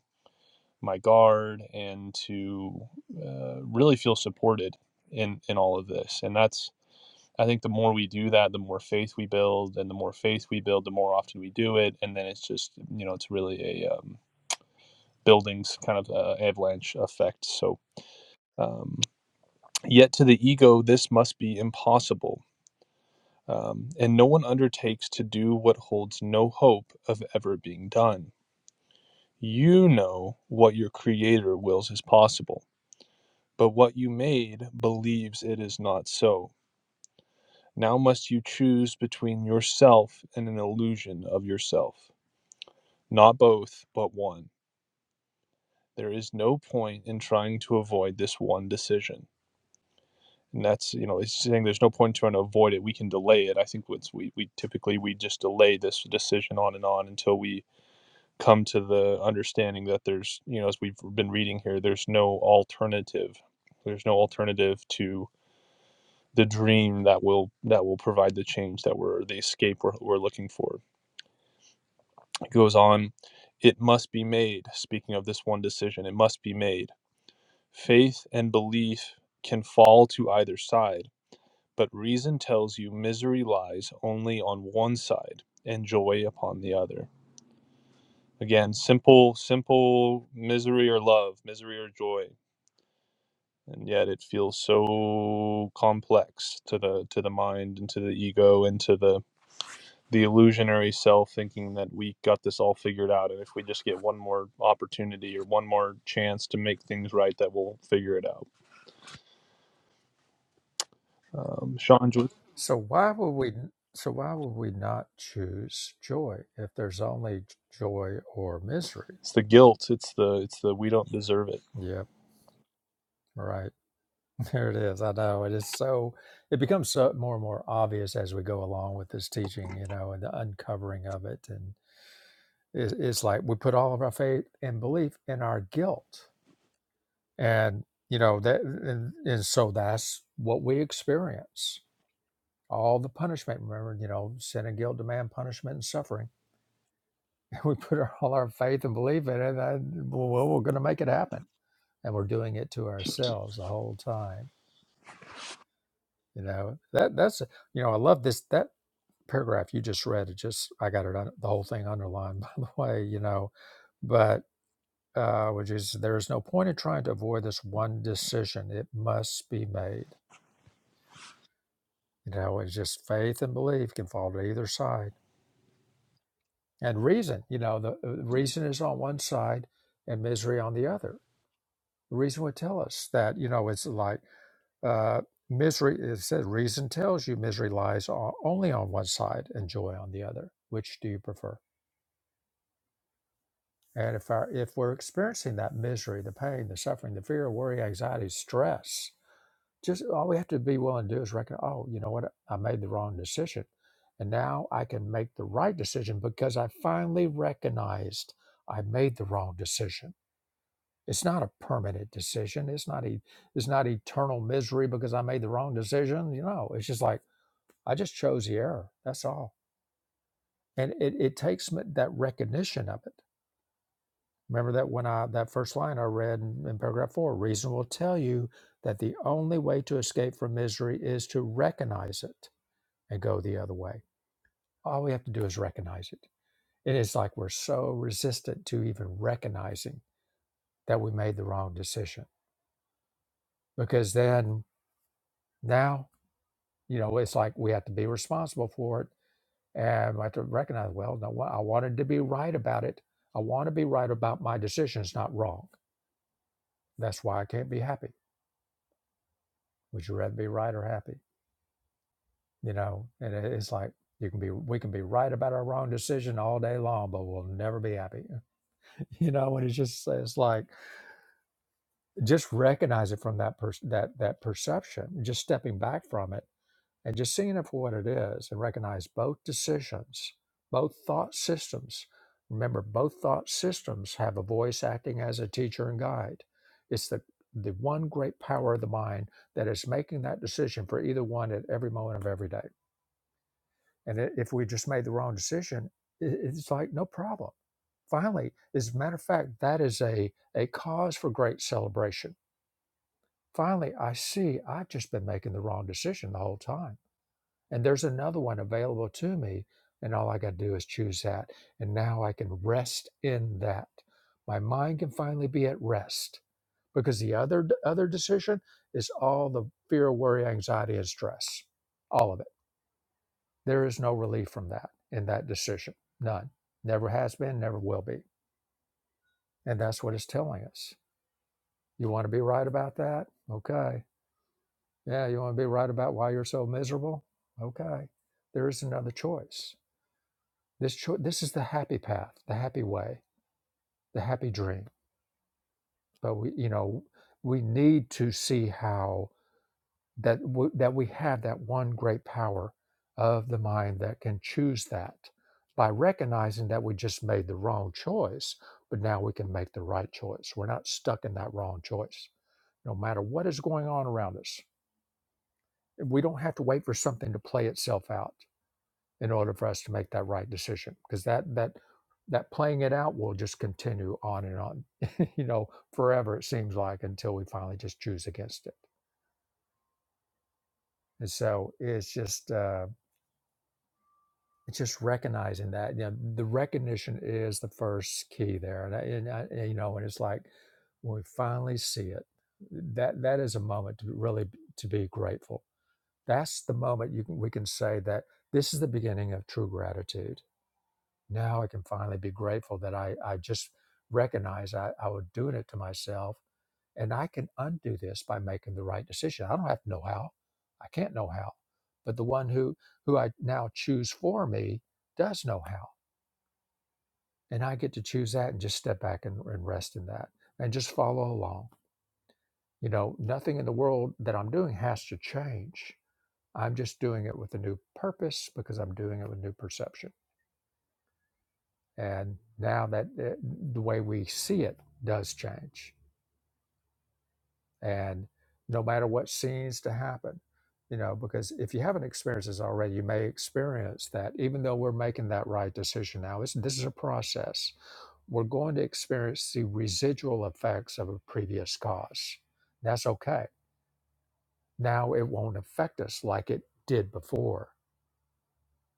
C: my guard and to uh, really feel supported in in all of this and that's I think the more we do that, the more faith we build, and the more faith we build, the more often we do it, and then it's just you know it's really a um, buildings kind of uh, avalanche effect. So um, yet to the ego, this must be impossible, um, and no one undertakes to do what holds no hope of ever being done. You know what your Creator wills is possible, but what you made believes it is not so. Now must you choose between yourself and an illusion of yourself. Not both, but one. There is no point in trying to avoid this one decision. And that's, you know, it's saying there's no point in trying to avoid it. We can delay it. I think what's we, we typically we just delay this decision on and on until we come to the understanding that there's, you know, as we've been reading here, there's no alternative. There's no alternative to the dream that will that will provide the change that we're the escape we're, we're looking for. It goes on, it must be made. Speaking of this one decision, it must be made Faith and belief can fall to either side, but reason tells you misery lies only on one side and joy upon the other. Again, simple, simple misery or love, misery or joy. And yet it feels so complex to the to the mind and to the ego and to the the illusionary self thinking that we got this all figured out and if we just get one more opportunity or one more chance to make things right that we'll figure it out. Um, Sean,
A: So why would we? So why would we not choose joy if there's only j- joy or misery?
C: It's the guilt. It's the it's the we don't deserve it.
A: Yep, right. There it is. I know it is so. It becomes so, more and more obvious as we go along with this teaching, you know, and the uncovering of it. And it, it's like we put all of our faith and belief in our guilt, and you know that, and, and so that's what we experience all the punishment. Remember, you know, sin and guilt demand punishment and suffering. And we put our, all our faith and belief in it, and well, well, we're going to make it happen. And we're doing it to ourselves the whole time. You know, that that's, you know, I love this, that paragraph you just read. It just, I got it, un- the whole thing underlined, by the way, you know, but, uh, which is, there is no point in trying to avoid this one decision. It must be made. You know, it's just faith and belief can fall to either side and reason you know the uh, reason is on one side and misery on the other reason would tell us that you know it's like uh, misery it says reason tells you misery lies o- only on one side and joy on the other which do you prefer and if our if we're experiencing that misery the pain the suffering the fear worry anxiety stress Just all we have to be willing to do is reckon, oh, you know what? I made the wrong decision. And now I can make the right decision because I finally recognized I made the wrong decision. It's not a permanent decision. It's not e- it's not eternal misery because I made the wrong decision. You know, it's just like I just chose the error. That's all. And it, it takes me- that recognition of it. Remember that when I that first line I read in, in paragraph four, reason will tell you that the only way to escape from misery is to recognize it. and go the other way. All we have to do is recognize it. It is like we're so resistant to even recognizing that we made the wrong decision because then now, you know, it's like we have to be responsible for it and we have to recognize, well, no, I wanted to be right about it. I want to be right about my decisions, not wrong. That's why I can't be happy. Would you rather be right or happy? You know, and it's like you can be, we can be right about our wrong decision all day long, but we'll never be happy. You know, and it's just, it's like, just recognize it from that person that that perception just stepping back from it and just seeing it for what it is and recognize both decisions both thought systems remember both thought systems have a voice acting as a teacher and guide it's the the one great power of the mind that is making that decision for either one at every moment of every day and i- if we just made the wrong decision i- it's like no problem finally as a matter of fact that is a a cause for great celebration Finally, I see I've just been making the wrong decision the whole time. And there's another one available to me. And all I got to do is choose that. And now I can rest in that. My mind can finally be at rest because the other other decision is all the fear, worry, anxiety, and stress. All of it. There is no relief from that in that decision. None. Never has been, never will be. And that's what it's telling us. You want to be right about that? Okay. Yeah, you want to be right about why you're so miserable? Okay. There is another choice. This cho- this is the happy path, the happy way, the happy dream. But we, you know, we need to see how that w- that we have that one great power of the mind that can choose that by recognizing that we just made the wrong choice, but now we can make the right choice. We're not stuck in that wrong choice, no matter what is going on around us. We don't have to wait for something to play itself out in order for us to make that right decision because that that that playing it out will just continue on and on you know forever it seems like until we finally just choose against it and so it's just uh it's just recognizing that you know the recognition is the first key there and, I, and I, and, you know and it's like when we finally see it that that is a moment to really to be grateful that's the moment you can we can say that this is the beginning of true gratitude Now I can finally be grateful that I, I just recognize I, I was doing it to myself and I can undo this by making the right decision. I don't have to know how. I can't know how. But the one who, who I now choose for me does know how. And I get to choose that and just step back and, and rest in that and just follow along. You know, nothing in the world that I'm doing has to change. I'm just doing it with a new purpose because I'm doing it with new perception. And now that uh, the way we see it does change. And no matter what seems to happen, you know, because if you haven't experienced this already, you may experience that even though we're making that right decision now, it's, this is a process. We're going to experience the residual effects of a previous cause. That's okay. Now it won't affect us like it did before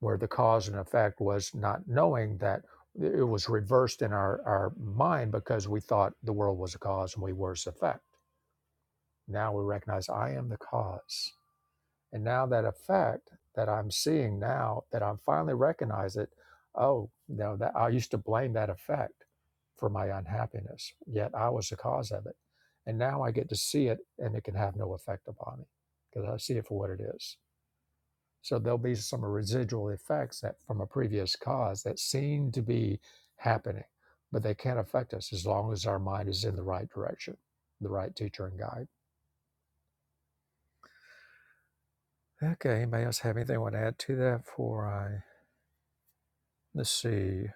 A: where the cause and effect was not knowing that it was reversed in our, our mind because we thought the world was a cause and we were its effect. Now we recognize I am the cause. And now that effect that I'm seeing now that I'm finally recognize it, oh no, that I used to blame that effect for my unhappiness. Yet I was the cause of it. And now I get to see it and it can have no effect upon me because I see it for what it is. So there'll be some residual effects that from a previous cause that seem to be happening, but they can't affect us as long as our mind is in the right direction, the right teacher and guide. Okay, anybody else have anything they want to add to that before I let's see.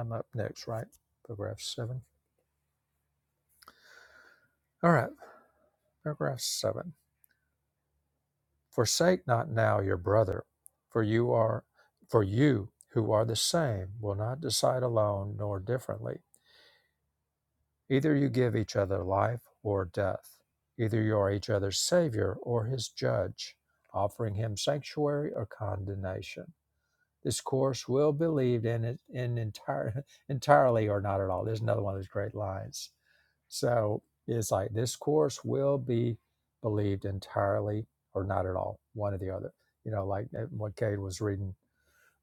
A: I'm up next, right? Paragraph seven. All right, paragraph seven. Forsake not now your brother, for you are for you who are the same will not decide alone nor differently Either you give each other life or death. Either you are each other's savior or his judge, offering him sanctuary or condemnation. This course will be believed in it in entire, entirely or not at all. There's another one of those great lines. So it's like this course will be believed entirely or not at all, one or the other. You know, like uh, what Cade was reading,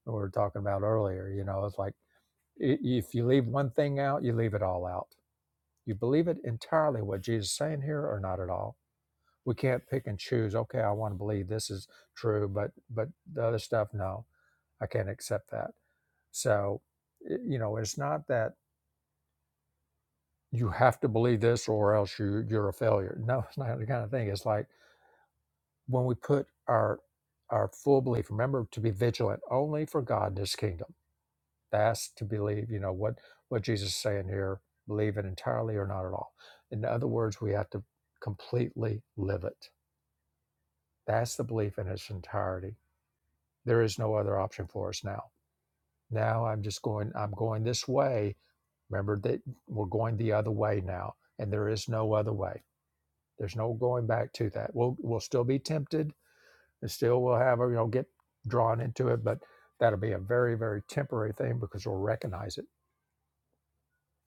A: we were talking about earlier. You know, it's like if you leave one thing out, you leave it all out. You believe it entirely what Jesus is saying here or not at all. We can't pick and choose, okay, I want to believe this is true, but but the other stuff, no, I can't accept that. So, you know, it's not that you have to believe this or else you you're a failure. No, it's not the kind of thing. It's like when we put our our full belief, remember to be vigilant only for God and his kingdom Fast to believe, you know, what, what Jesus is saying here, believe it entirely or not at all. In other words, we have to completely live it. That's the belief in its entirety. There is no other option for us now. Now I'm just going, I'm going this way. Remember that we're going the other way now, and there is no other way. There's no going back to that. We'll, we'll still be tempted and still we'll have, you know, get drawn into it, but that'll be a very, very temporary thing because we'll recognize it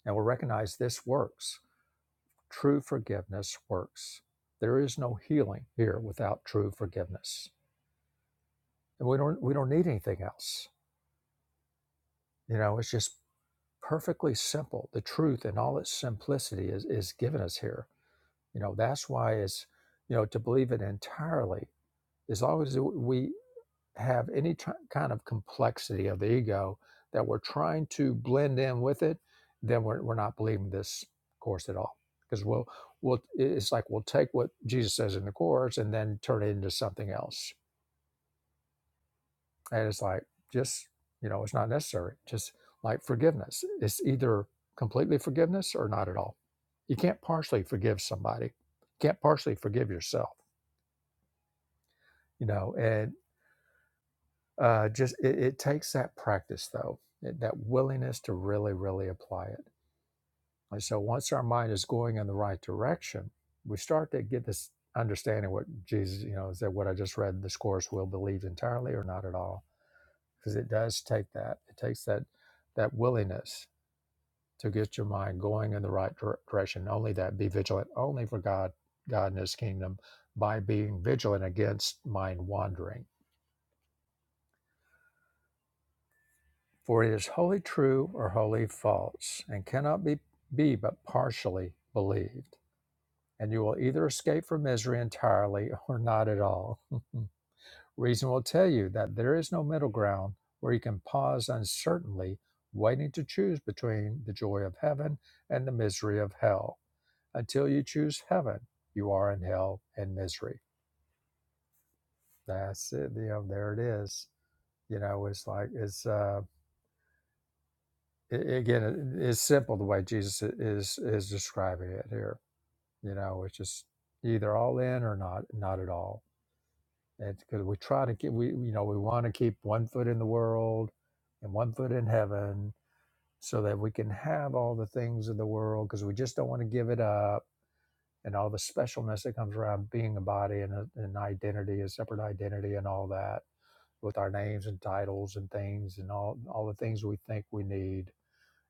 A: and we'll recognize this works True forgiveness works. There is no healing here without true forgiveness. And we don't we don't need anything else. You know, it's just perfectly simple. The truth in all its simplicity is, is given us here. You know, that's why it's, you know, to believe it entirely, as long as we have any t- kind of complexity of the ego that we're trying to blend in with it, then we're, we're not believing this course at all. Because we'll, we'll, it's like we'll take what Jesus says in the course and then turn it into something else. And it's like, just, you know, it's not necessary. Just like forgiveness, it's either completely forgiveness or not at all. You can't partially forgive somebody, you can't partially forgive yourself, you know, and. Uh, just it, it takes that practice though, that that willingness to really, really apply it. And so once our mind is going in the right direction, we start to get this understanding what Jesus, you know, said what I just read in this course will believe entirely or not at all. Because it does take that. It takes that that willingness to get your mind going in the right dir- direction. Only that be vigilant only for God, God and his kingdom by being vigilant against mind wandering For it is wholly true or wholly false, and cannot be, be but partially believed. And you will either escape from misery entirely or not at all. Reason will tell you that there is no middle ground where you can pause uncertainly, waiting to choose between the joy of heaven and the misery of hell. Until you choose heaven, you are in hell and misery. That's it. You know, there it is. You know, it's like it's. uh, a- again, it- it's simple the way Jesus i- is is describing it here. You know, it's just either all in or not, not at all. And because we try to keep, we you know, we want to keep one foot in the world and one foot in heaven, so that we can have all the things of the world, because we just don't want to give it up. And all the specialness that comes around being a body and a, an identity, a separate identity, and all that, with our names and titles and things, and all all the things we think we need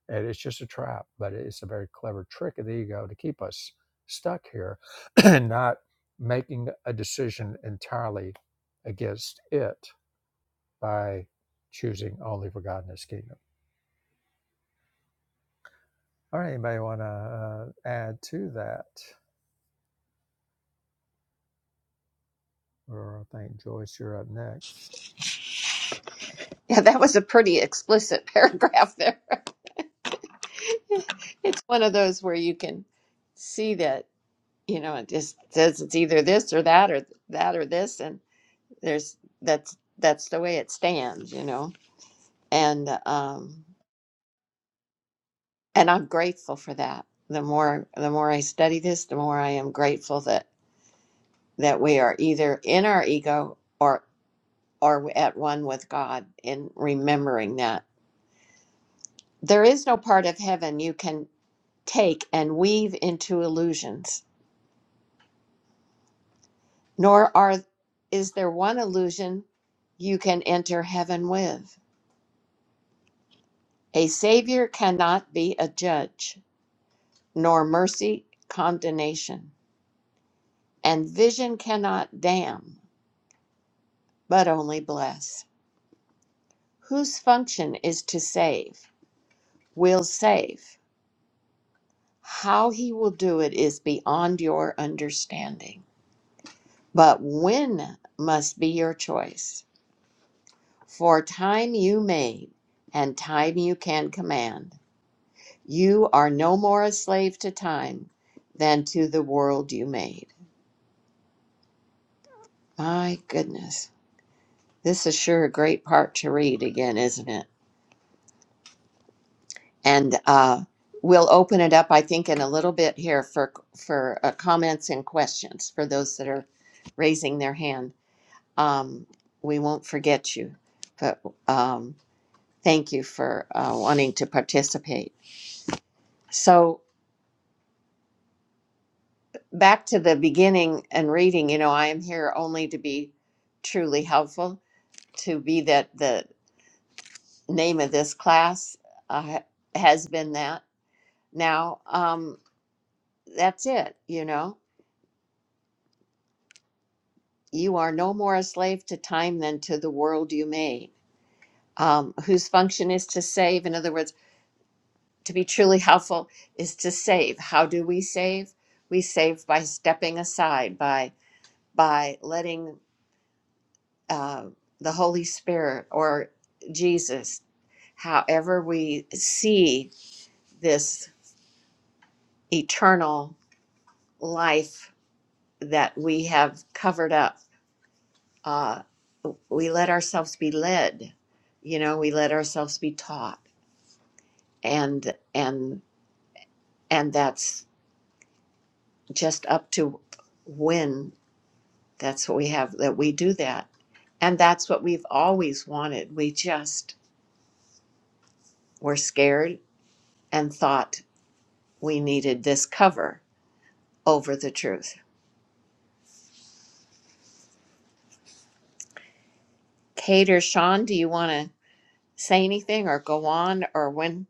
A: and it's just a trap, but it's a very clever trick of the ego to keep us stuck here and not making a decision entirely against it by choosing only for God and His kingdom. All right, anybody want to uh, add to that? Or I think Joyce, you're up next.
B: Yeah, that was a pretty explicit paragraph there. It's one of those where you can see that, you know, it just says it's either this or that or that or this, and there's that's that's the way it stands, you know. And um and I'm grateful for that. The more the more I study this, the more I am grateful that that we are either in our ego or or at one with God in remembering that there is no part of heaven you can. take and weave into illusions, nor are is there one illusion you can enter heaven with. A savior cannot be a judge, nor mercy condemnation, and vision cannot damn, but only bless. Whose function is to save, will save. How he will do it is beyond your understanding. But when must be your choice. For time you made, and time you can command. You are no more a slave to time than to the world you made. My goodness. This is sure a great part to read again, isn't it? And uh, we'll open it up, I think, in a little bit here for, for uh, comments and questions for those that are raising their hand. Um, we won't forget you, but um, thank you for uh, wanting to participate. So, back to the beginning and reading, you know, I am here only to be truly helpful, to be that the name of this class uh, has been that. Now, um, that's it, you know. You are no more a slave to time than to the world you made, um, whose function is to save. In other words, to be truly helpful is to save. How do we save? We save by stepping aside, by by letting uh, the Holy Spirit or Jesus, however we see this eternal life that we have covered up, uh, we let ourselves be led. You know, we let ourselves be taught, and and and that's just up to when. That's what we have that we do that, and that's what we've always wanted. We just were scared and thought we needed this cover over the truth. Kate or Sean, do you want to say anything or go on, or when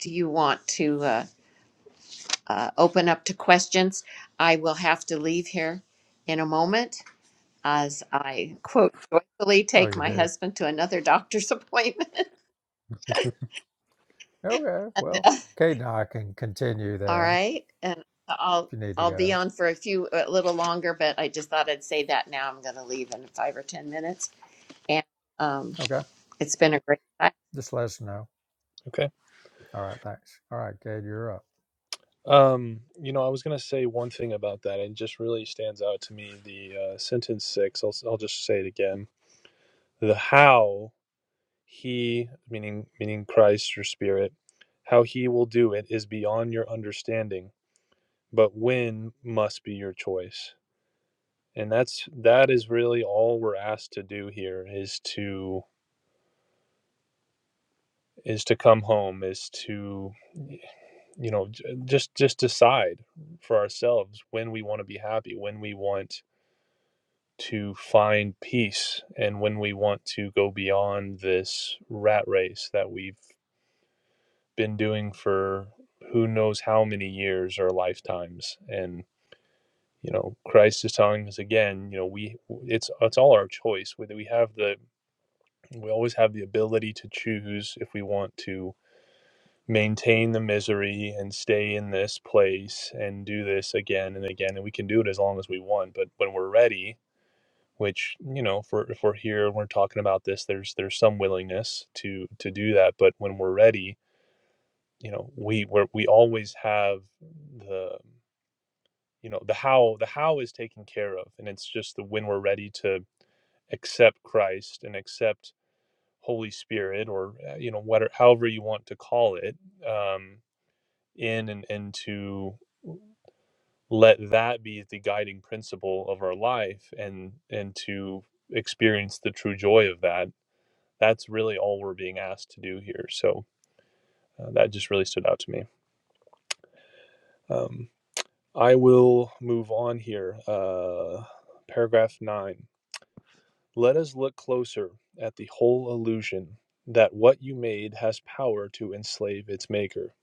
B: do you want to uh, uh, open up to questions? I will have to leave here in a moment as I quote joyfully
A: Oh,
B: take
A: you
B: my
A: do?
B: husband to another doctor's appointment.
A: Okay, well, Kate and I can continue
B: All
A: then
B: right, and
A: if
B: I'll
A: you need to
B: I'll be
A: go.
B: on for a few a little longer, but I just thought I'd say that now. I'm going to leave in five or ten minutes, and um,
A: Okay,
B: it's been a great time.
A: just let us know.
C: Okay.
A: All right, thanks. All right, Kate, you're up.
C: Um, you know, I was gonna say one thing about that, and just really stands out to me. The uh, sentence six. I'll I'll just say it again. The how he meaning meaning Christ or Spirit, how he will do it is beyond your understanding, but when must be your choice. And that's that is really all we're asked to do here is to is to come home is to you know just just decide for ourselves when we want to be happy when we want to find peace and when we want to go beyond this rat race that we've been doing for who knows how many years or lifetimes and you know Christ is telling us again you know we it's it's all our choice whether we have the we always have the ability to choose if we want to maintain the misery and stay in this place and do this again and again. And we can do it as long as we want. But when we're ready, which you know, if we're, if we're here and we're talking about this, there's there's some willingness to to do that. But when we're ready, you know, we we're, we always have the you know the how the how is taken care of, and it's just the when we're ready to accept Christ and accept Holy Spirit or uh, you know whatever however you want to call it. Um, in and and to let that be the guiding principle of our life and and to experience the true joy of that that's really all we're being asked to do here so uh, that just really stood out to me um, i will move on here uh, paragraph 9 let us look closer at the whole illusion that what you made has power to enslave its maker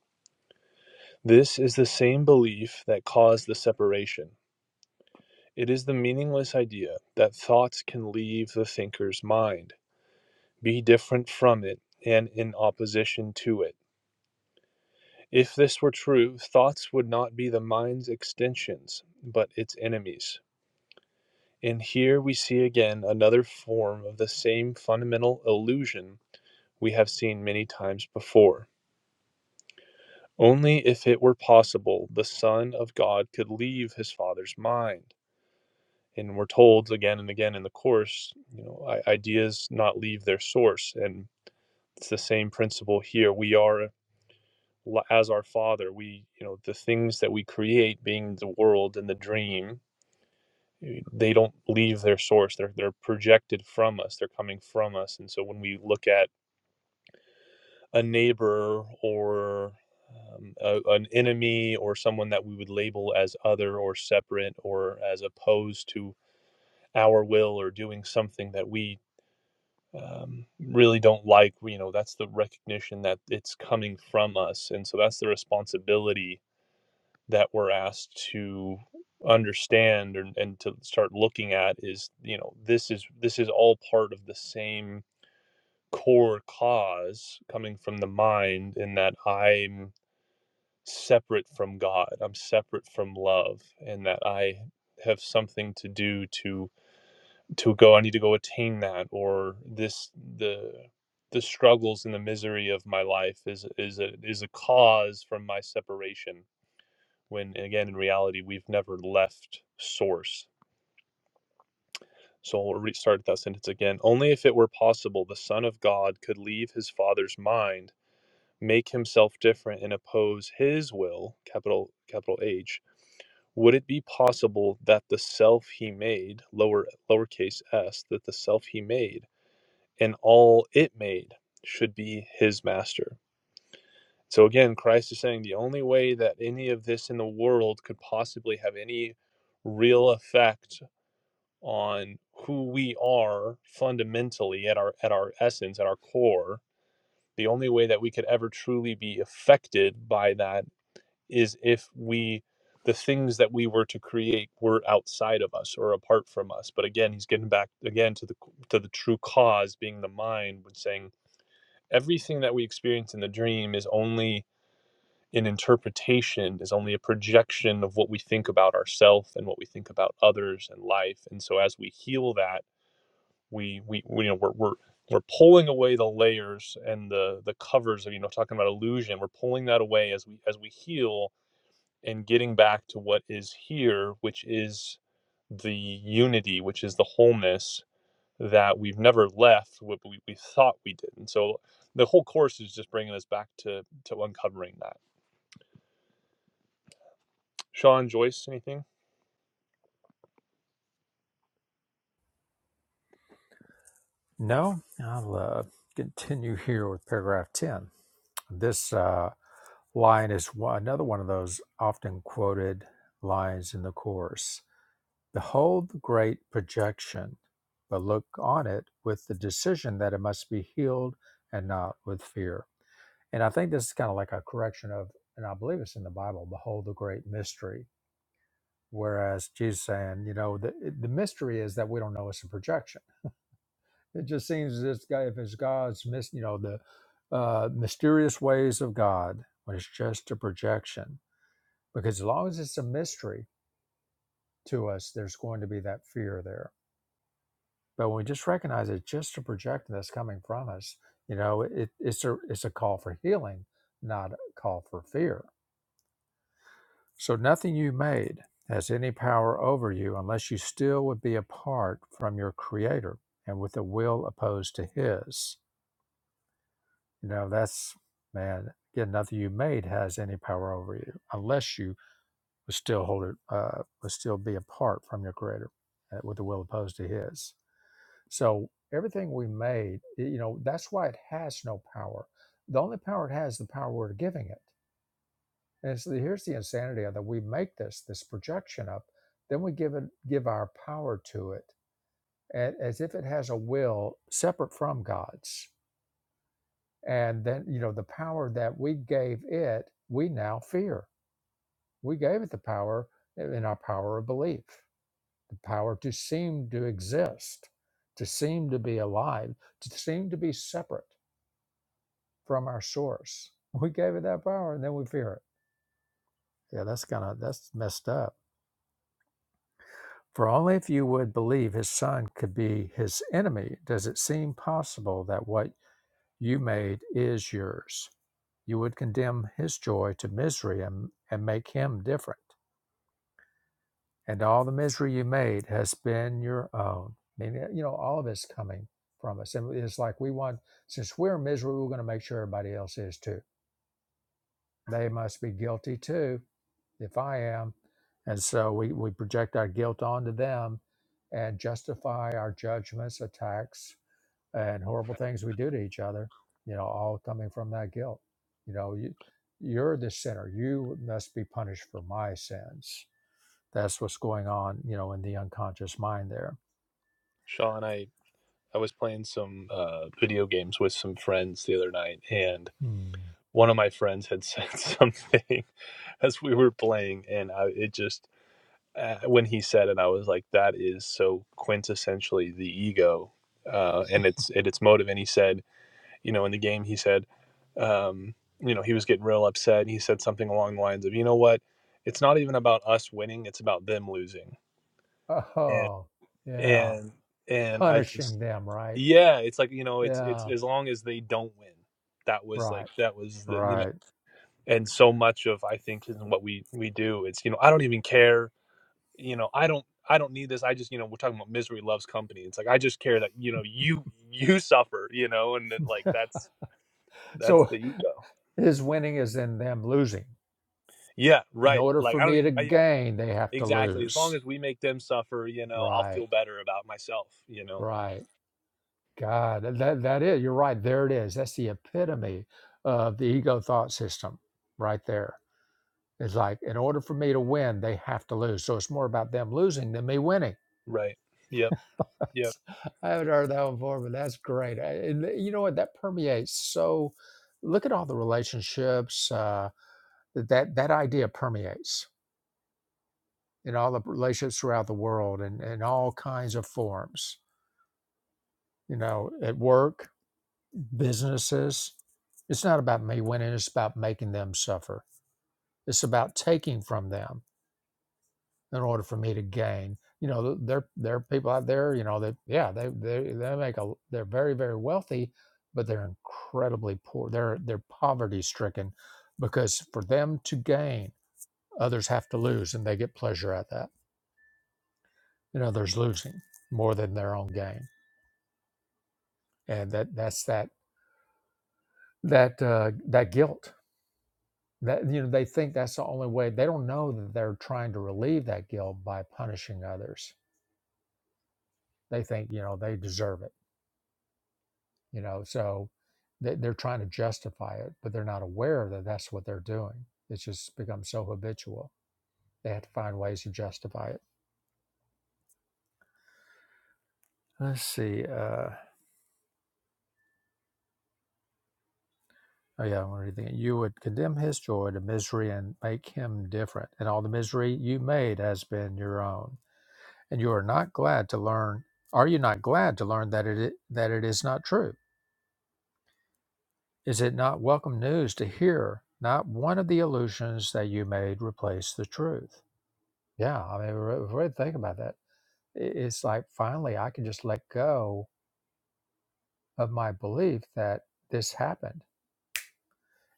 C: this is the same belief that caused the separation It is the meaningless idea that thoughts can leave the thinker's mind, be different from it, and in opposition to it. If this were true, thoughts would not be the mind's extensions, but its enemies. And here we see again another form of the same fundamental illusion we have seen many times before. Only if it were possible the Son of God could leave his Father's mind and we're told again and again in the course you know ideas not leave their source and it's the same principle here we are as our father we you know the things that we create being the world and the dream eh, they don't leave their source they're they're projected from us they're coming from us and so when we look at a neighbor or um, a, an enemy or someone that we would label as other or separate or as opposed to our will or doing something that we um, really don't like you know that's the recognition that it's coming from us and so that's the responsibility that we're asked to understand and, and to start looking at is you know this is this is all part of the same core cause coming from the mind in that i'm separate from god i'm separate from love and that i have something to do to to go i need to go attain that or this the the struggles and the misery of my life is is a is a cause from my separation when again in reality we've never left source so we'll restart that sentence again only if it were possible the son of god could leave his father's mind make himself different and oppose his will capital capital h would it be possible that the self he made lower lowercase s that the self he made and all it made should be his master. So again, Christ is saying the only way that any of this in the world could possibly have any real effect on who we are fundamentally at our at our essence, at our core, the only way that we could ever truly be affected by that is if we the things that we were to create were outside of us or apart from us. But again, he's getting back again to the to the true cause being the mind, when saying everything that we experience in the dream is only an interpretation is only a projection of what we think about ourselves and what we think about others and life and so as we heal that we we, we you know we're, we're we're pulling away the layers and the the covers of you know talking about illusion we're pulling that away as we as we heal and getting back to what is here which is the unity which is the wholeness that we've never left what we, we thought we did. And so the whole course is just bringing us back to to uncovering that. Sean Joyce, anything?
A: No, I'll uh, continue here with paragraph 10. This uh, line is one, another one of those often quoted lines in the Course Behold the great projection, but look on it with the decision that it must be healed and not with fear. And I think this is kind of like a correction of, and I believe it's in the Bible, behold the great mystery. Whereas Jesus saying, you know, the, the mystery is that we don't know it's a projection It just seems as this guy, if it's God's, mis- you know, the uh, mysterious ways of God, when it's just a projection, because as long as it's a mystery to us, there's going to be that fear there. But when we just recognize it's just a projection that's coming from us, you know, it, it's a it's a call for healing, not a call for fear. So nothing you made has any power over you unless you still would be apart from your Creator and with a will opposed to His You know, that's man. Again, nothing you made has any power over you unless you would still hold it, uh, would still be apart from your creator uh, with the will opposed to his. So everything we made, y- you know, that's why it has no power. The only power it has, is the power we're giving it. And so here's the insanity of that we make this this projection up, then we give it give our power to it a- as if it has a will separate from God's and then you know the power that we gave it we now fear we gave it the power uh, in our power of belief the power to seem to exist to seem to be alive to seem to be separate from our source we gave it that power and then we fear it yeah that's kind of that's messed up for only if you would believe his son could be his enemy does it seem possible that what you made is yours. You would condemn his joy to misery and, and make him different. And all the misery you made has been your own. I mean, you know, all of it's coming from us. And it's like we want, since we're miserable, we're going to make sure everybody else is too. They must be guilty too, if I am. And so we, we project our guilt onto them and justify our judgments, attacks, and horrible things we do to each other, you know, all coming from that guilt. You know, you, you're the sinner. You must be punished for my sins. That's what's going on, you know, in the unconscious mind there.
C: Sean, I I was playing some uh, video games with some friends the other night, and
A: Hmm.
C: one of my friends had said something as we were playing, and I, it just uh, when he said it, I was like, "That is so quintessentially the ego." Uh, and it's at its motive. And he said, you know, in the game, he said, um, you know, he was getting real upset. He said something along the lines of, you know what, it's not even about us winning, it's about them losing. And
A: Oh, yeah.
C: and and I just
A: Punishing them, right?
C: yeah, it's like, you know, it's it's
A: Yeah,
C: as long as they don't win. That was
A: right,
C: like that was the you know
A: right.
C: and so much of I think in what we we do, it's you know, I don't even care, you know, I don't I don't need this. I just, you know, we're talking about misery loves company. It's like I just care that, you know, you you suffer, you know, and then like that's that's
A: So
C: the ego.
A: his winning is in them losing.
C: Yeah,
A: In
C: right.
A: order
C: Like
A: for
C: I don't
A: me
C: even.
A: to
C: I, yeah,
A: gain, they have to
C: exactly. As long
A: lose.
C: as we make them suffer, you know, I'll
A: Right,
C: feel better about myself. You know.
A: right. God, that that is. You're right. There it is. That's the epitome of the ego thought system, right there. It's like in order for me to win, they have to lose. So it's more about them losing than me winning.
C: Right. Yep. Yep.
A: I haven't heard that one before, but that's great. I- And you know what? That permeates. So look at all the relationships uh, that that that idea permeates in all the relationships throughout the world and in all kinds of forms. You know, at work, businesses. It's not about me winning. It's about making them suffer It's about taking from them in order for me to gain. You know, th- there there are people out there. You know, they yeah they they they make a they're very very wealthy, but they're incredibly poor. They're they're poverty stricken because for them to gain, others have to lose, and they get pleasure at that. You know, there's losing more than their own gain, and that that's that that uh, that guilt that you know they think that's the only way they don't know that they're trying to relieve that guilt by punishing others they think you know they deserve it you know so they, they're trying to justify it but they're not aware that that's what they're doing it's just become so habitual they have to find ways to justify it let's see uh oh yeah i'm reading it you would condemn his joy to misery and make him different and all the misery you made has been your own and you are not glad to learn are you not glad to learn that it that it is not true is it not welcome news to hear not one of the illusions that you made replace the truth Yeah, I mean, re- really think about that. I- It's like finally I can just let go of my belief that this happened,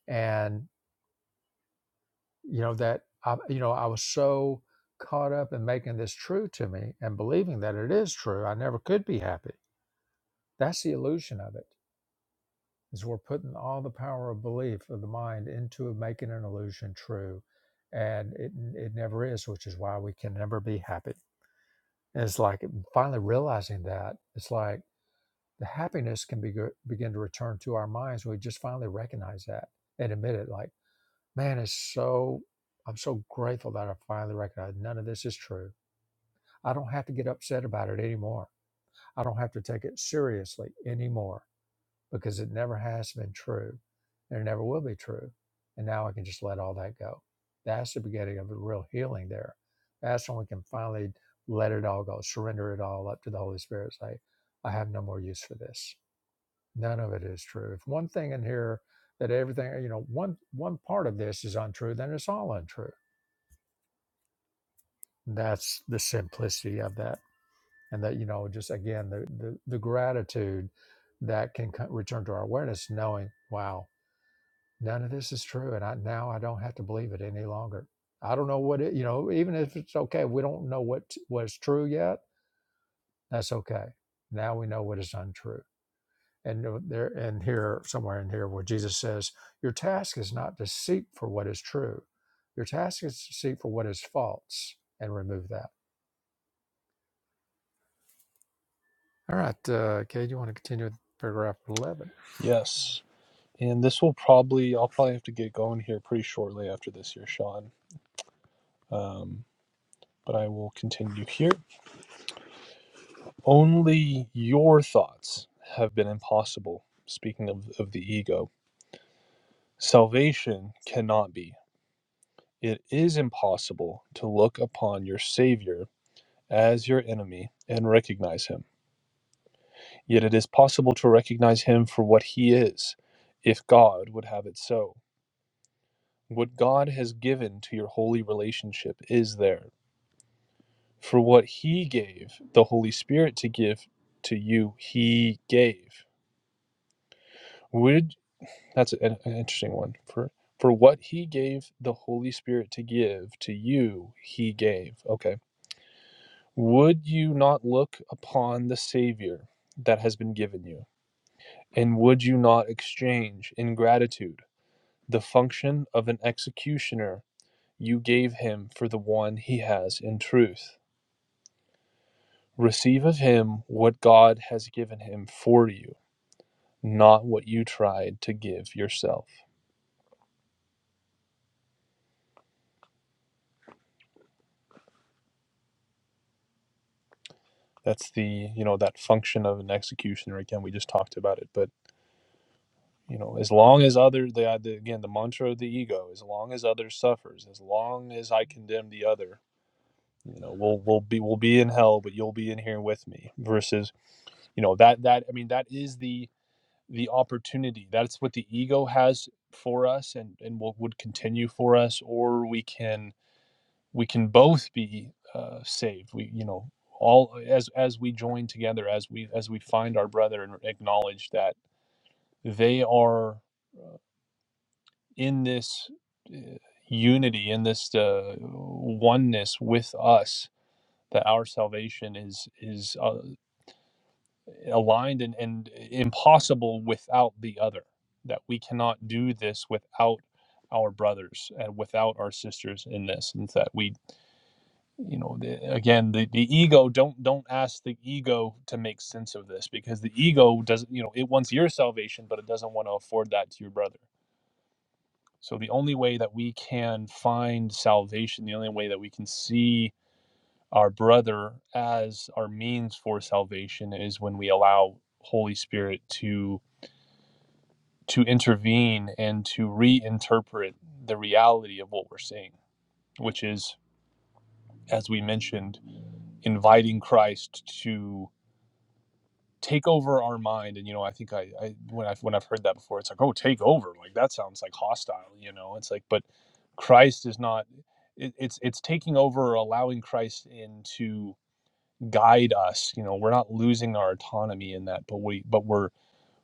A: and you know that I, you know, I was so caught up in making this true to me and believing that it is true. I never could be happy. That's the illusion of it. Is we're putting all the power of belief of the mind into making an illusion true, and it it never is, which is why we can never be happy. And it's like finally realizing that it's like the happiness can be, begin to return to our minds when we just finally recognize that and admit it like man it's so i'm so grateful that i finally recognize none of this is true i don't have to get upset about it anymore i don't have to take it seriously anymore because it never has been true and it never will be true and now i can just let all that go that's the beginning of a real healing there that's when we can finally let it all go surrender it all up to the holy spirit say i have no more use for this None of it is true. If one thing in here that everything, you know, one one part of this is untrue, then it's all untrue. That's the simplicity of that, and that you know, just again, the the, the gratitude that can co- return to our awareness, knowing, wow, none of this is true, and I now I don't have to believe it any longer. I don't know what it, you know, even if it's okay, we don't know what was true yet. That's okay. Now we know what is untrue and uh, there and here somewhere in here where jesus says your task is not to seek for what is true your task is to seek for what is false and remove that all right uh kay do you want to continue with paragraph 11
C: Yes. And this will probably, I'll probably have to get going here pretty shortly after this here, Sean. Um, but I will continue here. Only your thoughts have been impossible. Speaking of, of the ego, salvation cannot be. It is impossible to look upon your Savior as your enemy and recognize him. Yet it is possible to recognize him for what he is, if God would have it so. What God has given to your holy relationship is there. For what he gave the Holy Spirit to give to you, he gave. Would that's an, an interesting one. For for what he gave the Holy Spirit to give to you, he gave. Okay. Would you not look upon the Savior that has been given you? And would you not exchange in gratitude? The function of an executioner you gave him for the one he has in truth. Receive of him what God has given him for you, not what you tried to give yourself. That's the, you know, that function of an executioner. Again, we just talked about it, but you know, as long as other, the, uh, the again, the mantra of the ego, as long as others suffers, as long as I condemn the other, you know, we'll we'll be we'll be in hell, but you'll be in here with me. Versus, you know, that that I mean, that is the the opportunity. That's what the ego has for us, and and what would continue for us. Or we can we can both be uh, saved. We you know all as as we join together, as we as we find our brother and acknowledge that they are in this uh, unity, in this uh, oneness with us. That our salvation is is uh, aligned and, and impossible without the other that we cannot do this without our brothers and without our sisters in this and that we you know the, again the, the ego don't don't ask the ego to make sense of this because the ego doesn't you know it wants your salvation but it doesn't want to afford that to your brother so the only way that we can find salvation the only way that we can see our brother as our means for salvation is when we allow holy spirit to to intervene and to reinterpret the reality of what we're seeing, which is, as we mentioned, inviting Christ to take over our mind. And you know, I think I, I when I've when I've heard that before, it's like, oh, take over. Like that sounds like hostile. You know, it's like, but Christ is not. It, it's it's taking over, or allowing Christ in to guide us. You know, we're not losing our autonomy in that, but we but we're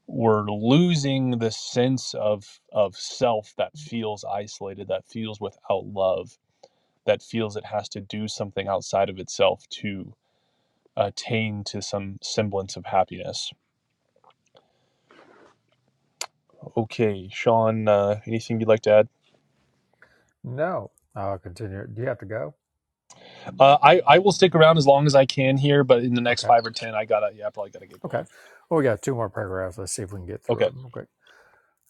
C: we're losing the sense of of self that feels isolated that feels without love that feels it has to do something outside of itself to attain to some semblance of happiness okay sean uh, anything you'd like to add
A: no i'll continue do you have to go
C: uh, i i will stick around as long as i can here but in the next
A: okay
C: five or ten i gotta yeah i probably gotta get
A: okay
C: going
A: well we got two more paragraphs let's see if we can get through
C: okay
A: them Okay.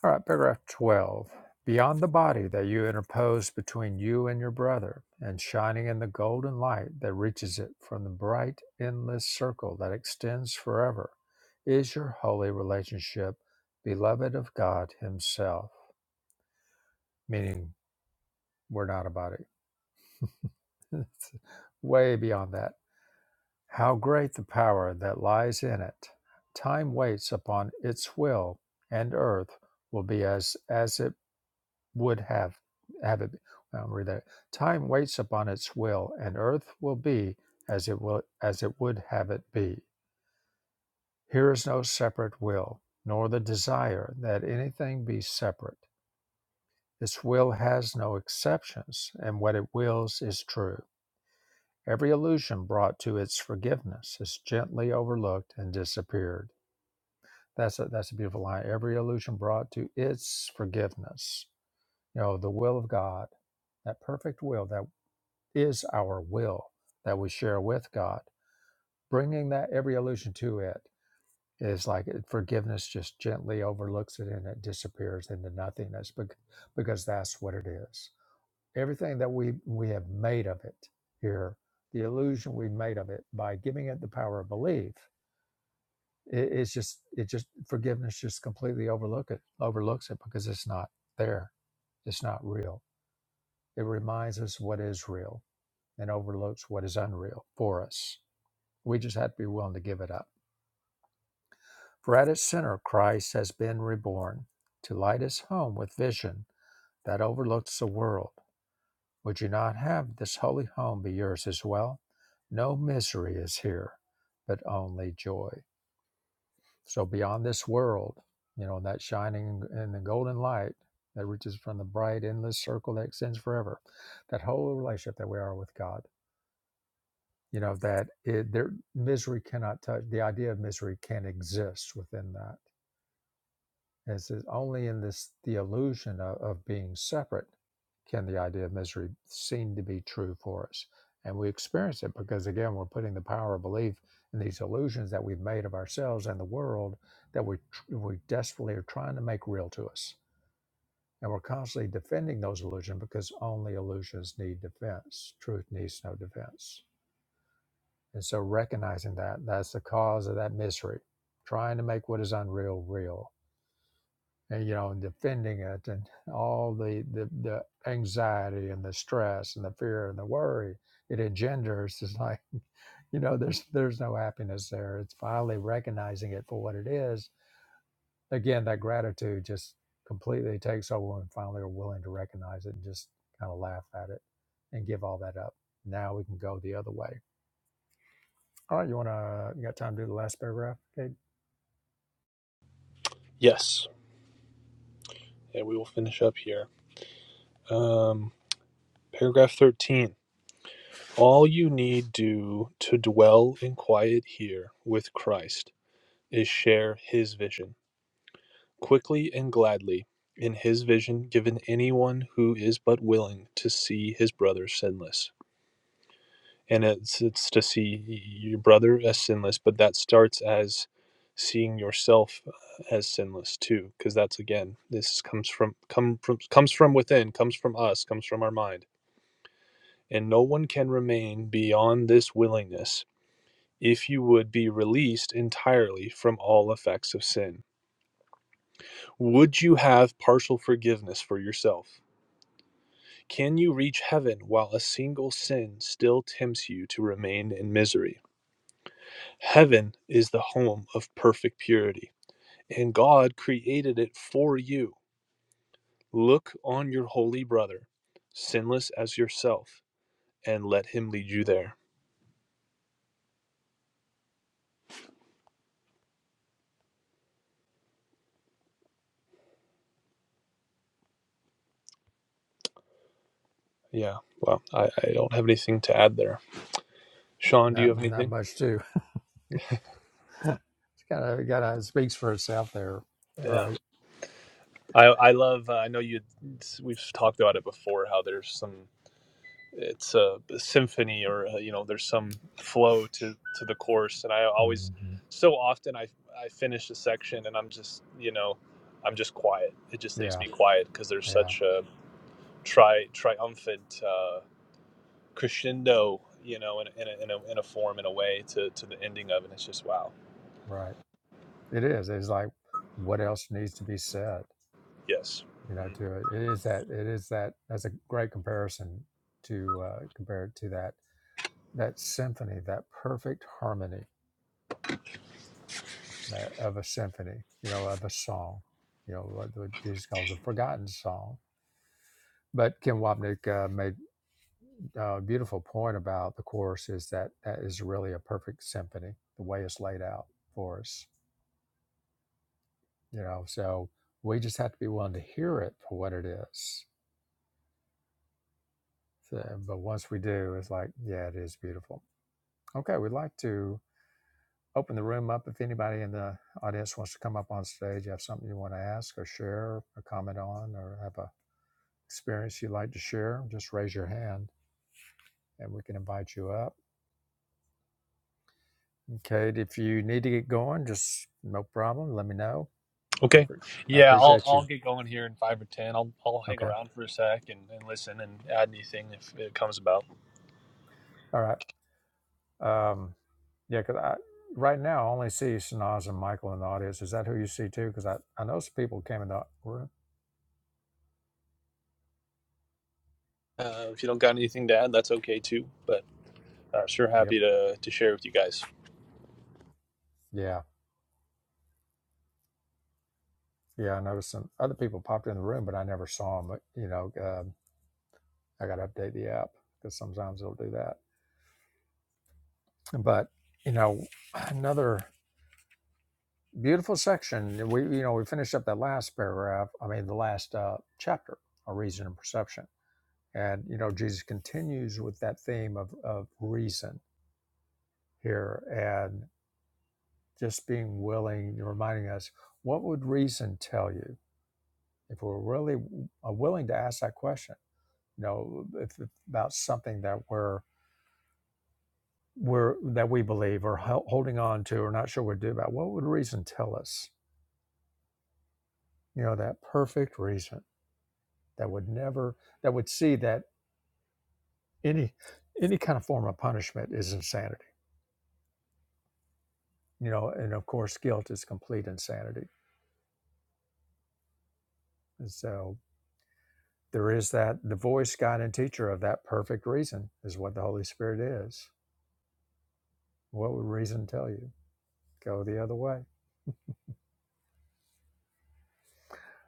A: All right, paragraph 12. Beyond the body that you interpose between you and your brother, and shining in the golden light that reaches it from the bright, endless circle that extends forever, is your holy relationship, beloved of God Himself. Meaning, we're not a body. It's Way beyond that. How great the power that lies in it! Time waits upon its will, and earth will be as as it. would have have it. i read that. Time waits upon its will, and earth will be as it will as it would have it be. Here is no separate will, nor the desire that anything be separate. Its will has no exceptions, and what it wills is true. Every illusion brought to its forgiveness is gently overlooked and disappeared. That's a, that's a beautiful line. Every illusion brought to its forgiveness. You know, the will of God, that perfect will, that is our will that we share with God. Bringing that every illusion to it is like eh, forgiveness just gently overlooks it and it disappears into nothingness bec- because that's what it is. Everything that we we have made of it here, the illusion we made of it by giving it the power of belief, it, it's just it just forgiveness just completely overlook it overlooks it because it's not there, it's not real. It reminds us what is real and overlooks what is unreal for us. We just have to be willing to give it up. For at its center, Christ has been reborn to light his home with vision that overlooks the world. Would you not have this holy home be yours as well? No misery is here, but only joy. So beyond this world, you know, that shining in the golden light that reaches from the bright, endless circle that extends forever, that whole relationship that we are with God. You know that it, there misery cannot touch. The idea of misery can't exist within that As it, only in this the illusion of, of being separate can the idea of misery seem to be true for us, and we experience it because again we're putting the power of belief in these illusions that we've made of ourselves and the world that we we desperately are trying to make real to us, and we're constantly defending those illusions because only illusions need defense. Truth needs no defense, and so recognizing that that's the cause of that misery, trying to make what is unreal real and you know and defending it and all the, the the anxiety and the stress and the fear and the worry it engenders is like you know there's there's no happiness there it's finally recognizing it for what it is again that gratitude just completely takes over and finally are willing to recognize it and just kind of laugh at it and give all that up now we can go the other way all right you want to you got time to do the last paragraph okay
C: yes and we will finish up here um paragraph 13 all you need do to dwell in quiet here with christ is share his vision quickly and gladly in his vision given anyone who is but willing to see his brother sinless and it's it's to see your brother as sinless but that starts as seeing yourself uh, as sinless too because that's again this comes from come from comes from within comes from us comes from our mind and no one can remain beyond this willingness if you would be released entirely from all effects of sin Would you have partial forgiveness for yourself? Can you reach heaven while a single sin still tempts you to remain in misery? Heaven is the home of perfect purity, and God created it for you. Look on your holy brother, sinless as yourself, and let him lead you there. Yeah, well, I, I don't have anything to add there. Sean, do you
A: not,
C: have
A: not
C: anything?
A: much too it's kind of kind of speaks for itself there all
C: Yeah,
A: right.
C: I, I love. Uh, I know you. We've talked about it before. How there's some it's a, a symphony or uh you know there's some flow to to the course and i always
A: Mm-hmm.
C: so often i i finish a section and i'm just you know i'm just quiet it just leaves
A: Yeah,
C: me quiet because there's
A: yeah,
C: such a tri triumphant uh crescendo you know in, in, a, in a in a form in a way to to the ending of it it's just wow
A: right. It is. It's like what else needs to be said,
C: yes
A: you know,
C: Mhm.
A: to it. It is that it is that that's a great comparison to uh compare it to that that symphony, that perfect harmony that of a symphony, you know, of a song, you know, what, what Jesus calls a forgotten song. But Kim Wapnick uh, made a beautiful point about the chorus is that that is really a perfect symphony, the way it's laid out for us. you know so we just have to be willing to hear it for what it is So- but once we do it's like yeah it is beautiful okay we'd like to open the room up if anybody in the audience wants to come up on stage have something you want to ask or share or comment on or have a experience you'd like to share just raise your hand and we can invite you up okay if you need to get going just no problem let me know i,
C: okay
A: appre I
C: yeah i'll
A: appreciate
C: i'll
A: you
C: get going here in five or ten i'll i'll hang
A: okay
C: around for a sec and, and listen and add anything if it comes about
A: all right Um, yeah, because I right now I only see Shanaz and Michael in the audience. Is that who you see too? Because I I noticed people came in the room.
C: Uh, if you don't got anything to add, that's okay too. But uh, sure,
A: Yep.
C: happy to to share with you guys.
A: Yeah. Yeah. I noticed some other people popped in the room, but I never saw them. But You know, um, I got to update the app because sometimes it'll do that. But you know, another beautiful section. We you know we finished up that last paragraph. I mean, the last uh, chapter on reason and perception. And you know, Jesus continues with that theme of of reason here and. just being willing, reminding us, what would reason tell you if we're really uh, willing to ask that question? You know, if, if about something that we're we're that we believe or hel- holding on to or not sure what to do about. What would reason tell us? You know, that perfect reason that would never that would see that any any kind of form of punishment is insanity. You know, and of course, guilt is complete insanity. And so There is that the voice, guide, and teacher of that perfect reason is what the Holy Spirit is. What would reason tell you? Go the other way.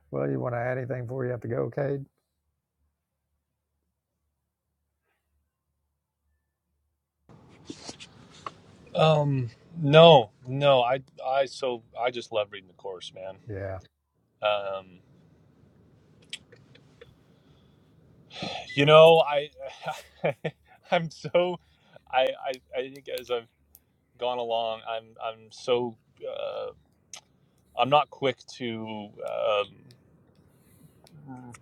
A: Well, you want to add anything before you have to go, Cade?
C: Um, no, no, I I so I just love reading the course, man.
A: Yeah.
C: Um, you know, I I'm so I, I I think as I've gone along, I'm I'm so uh, I'm not quick to um,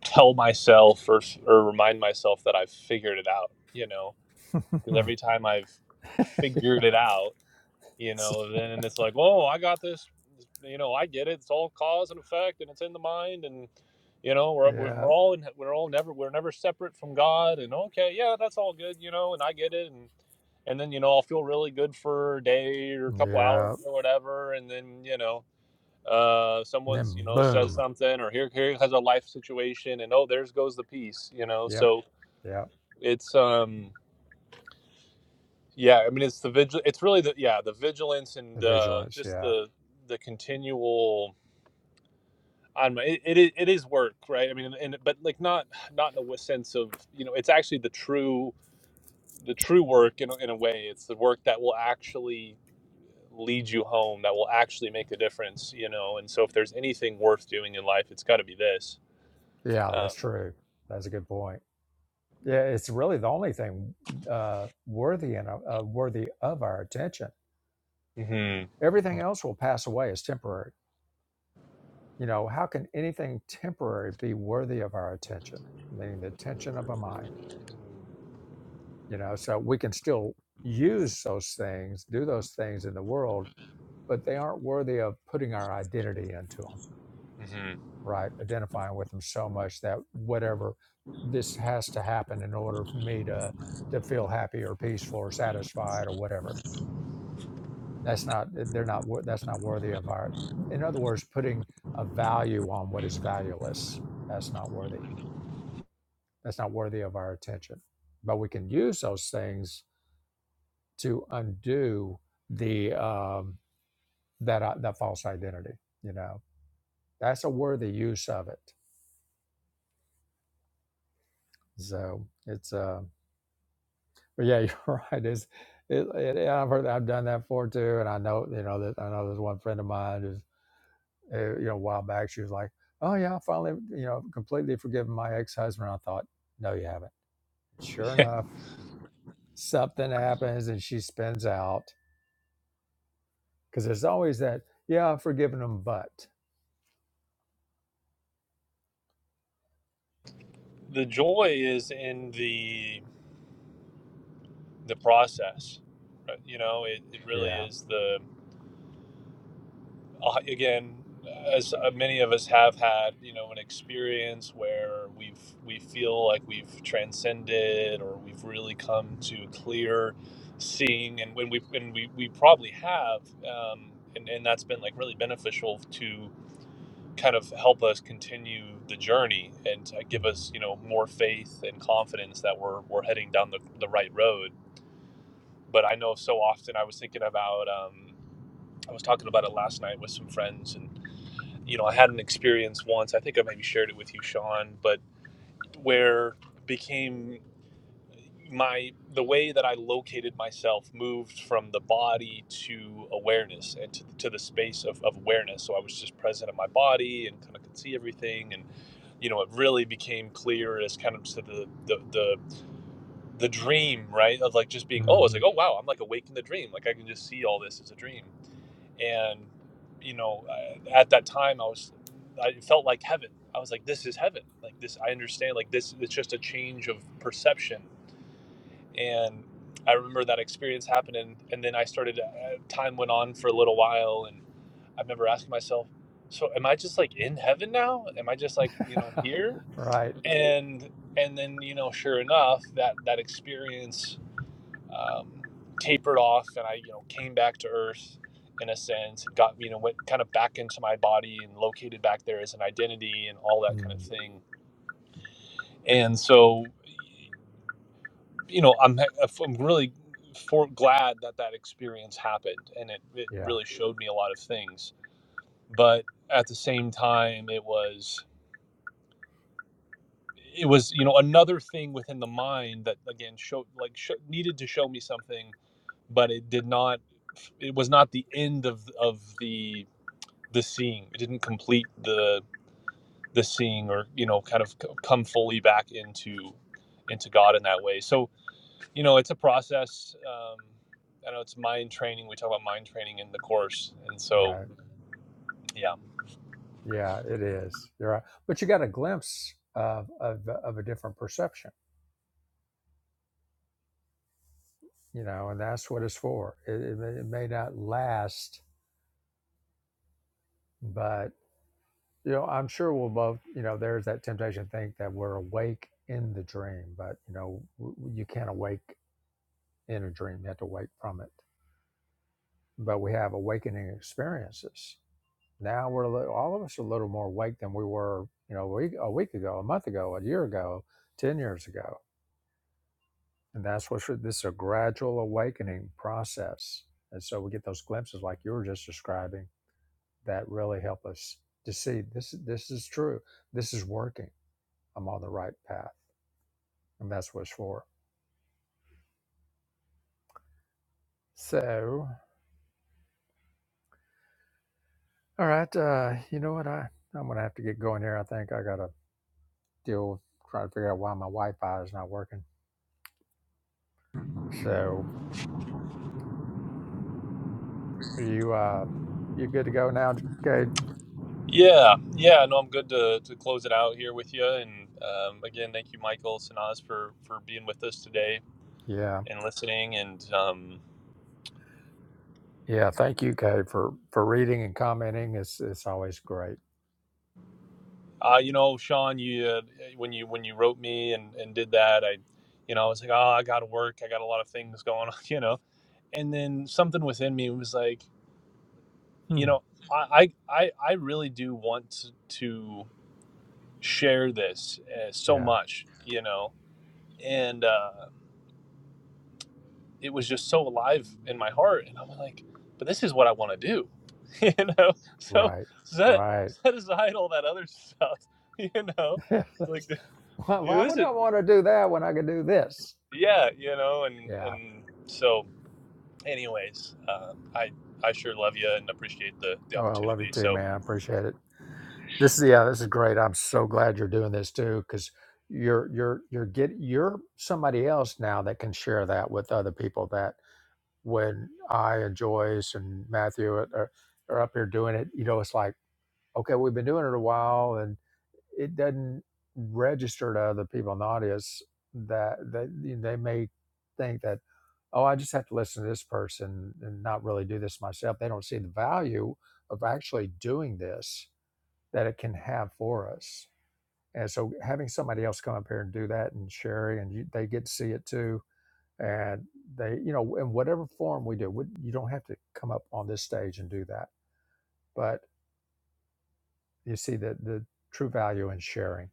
C: tell myself or or remind myself that I've figured it out. You know, because every time I've figured it out you know then and it's like oh i got this you know i get it it's all cause and effect and it's in the mind and you know we're, we're
A: yeah.
C: all in, we're all never we're never separate from god and okay yeah that's all good you know and i get it and and then you know i'll feel really good for a day or a couple hours
A: Yeah.
C: or whatever and then you know uh
A: And then
C: someone's you know says
A: boom.
C: something or here here has a life situation and oh there's goes the peace you know
A: Yep.
C: so
A: Yep.
C: it's um yeah, I mean it's the vigil. It's really the yeah the vigilance
A: The
C: and uh,
A: vigilance.
C: just
A: Yeah.
C: the the continual. On my, it, it is work, right? I mean, and but like not not in a sense of you know it's actually the true the true work in a- in a way. It's the work that will actually lead you home, that will actually make a difference, you know. And so if there's anything worth doing in life, it's got to be this.
A: Yeah.
C: Um,
A: That's true. That's a good point. Yeah. It's really the only thing uh, worthy and uh, worthy of our attention.
C: hmm
A: Everything else will pass away as temporary You know, how can anything temporary be worthy of our attention? Meaning the attention of a mind. You know, so we can still use those things, do those things in the world, but they aren't worthy of putting our identity into them,
C: hmm
A: right? Identifying with them so much that whatever this has to happen in order for me to to feel happy or peaceful or satisfied or whatever. That's not they're not that's not worthy of our. In other words, putting a value on what is valueless. That's not worthy. That's not worthy of our attention. But we can use those things to undo the um, that uh, that false identity. You know, that's a worthy use of it. So it's uh, but yeah, you're right. It's it, it, yeah, I've heard I've done that before too, and I know you know that I know there's one friend of mine who's uh, you know a while back she was like, oh yeah, I finally you know completely forgiven my ex husband. I thought, no, you haven't. Sure enough, something happens and she spins out because there's always that, yeah, I've forgiven them, but
C: The joy is in the the process. right? You know, it, it really
A: yeah.
C: is the uh, again, as uh, many of us have had, you know, an experience where we've we feel like we've transcended or we've really come to clear seeing, and when we and we we probably have, um, and and that's been like really beneficial to kind of help us continue the journey and uh, give us you know more faith and confidence that we're we're heading down the the right road. But I know so often I was thinking about. Um, I was talking about it last night with some friends, and you know, I had an experience once. I think I maybe shared it with you, Sean, but where it became my the way that I located myself moved from the body to awareness and to, to the space of, of awareness. So I was just present in my body and kind of could see everything. And, you know, it really became clear as kind of to the, the, the, the dream, right? Of like just being, oh, I was
A: Mm-hmm.
C: like, oh, wow, I'm like awake in the dream. Like I can just see all this as a dream and you know at that time i was i felt like heaven i was like this is heaven like this i understand like this it's just a change of perception and i remember that experience happening and then i started uh, time went on for a little while and i remember asking myself so am i just like in heaven now am i just like you know here
A: right.
C: and and then you know sure enough that that experience um, tapered off and I, you know, came back to earth in a sense and got, you know, went kind of back into my body and located back there as an identity and all that kind of
A: Mm.
C: thing. And so, you know, I'm, I'm really for, glad that that experience happened and it, it
A: Yeah.
C: really showed me a lot of things. But at the same time, it was, it was, you know, another thing within the mind that again showed like sho needed to show me something, but it did not, it was not the end of, of the the seeing. It didn't complete the the seeing, or you know, kind of come fully back into into God in that way. So you know, it's a process. Um, I know it's mind training. We talk about mind training in the course, and so
A: Right.
C: yeah,
A: Yeah, it is. You're right. But you got a glimpse of, of, of a different perception, you know, and that's what it's for. It, it, may- it may not last, but, you know, I'm sure we'll both, you know, there's that temptation to think that we're awake in the dream, but, you know, w- you can't awake in a dream. You have to wake from it. But we have awakening experiences Now we're a little, all of us are a little more awake than we were, you know, a week, a week ago, a month ago, a year ago, 10 years ago. And that's what this is a gradual awakening process. And so we get those glimpses like you were just describing that really help us to see this, this is true. This is working. I'm on the right path. And that's what it's for. So, all right. Uh, you know what? I, I'm going to have to get going here. I think I got to deal with trying to figure out why my Wi Fi is not working. So, Are you uh you good to go now, Cade?
C: yeah, yeah. No, I'm good to, to close it out here with you. And um, again, thank you, Michael Sanaz, for for being with us today
A: Yeah.
C: and listening. And um,
A: Yeah. Thank you, Cade, for for reading and commenting. It's it's always great.
C: Uh, you know, Sean, you uh, when you when you wrote me and and did that, I, you know, I was like, oh, I got to work. I got a lot of things going on, you know. And then something within me was like, you
A: Hmm.
C: know, I I I I really do want to, to share this uh, so
A: Yeah.
C: much, you know. And uh, it was just so alive in my heart, and I'm like, but this is what I want to do, you know. So
A: Right.
C: set
A: Right.
C: set aside all that other stuff, you know,
A: why,
C: like. it
A: why would
C: wasn't.
A: I want to do that when I can do this?
C: yeah, you know, and
A: Yeah.
C: and so, anyways, uh, I I sure love you and appreciate the the
A: Oh, I love you
C: opportunity.
A: too,
C: So,
A: man. I appreciate it. This is yeah, this is great. I'm so glad you're doing this too, because you're you're you're get you're somebody else now that can share that with other people that when I and Joyce and Matthew are, are are up here doing it, you know, it's like okay, we've been doing it a while, and it doesn't register to other people in the audience that they they may think that, oh, I just have to listen to this person and not really do this myself. They don't see the value of actually doing this that it can have for us. And so, having somebody else come up here and do that and sharing, and you, they get to see it too. And they, you know, in whatever form we do, we- you don't have to come up on this stage and do that. But you see the, the true value in sharing.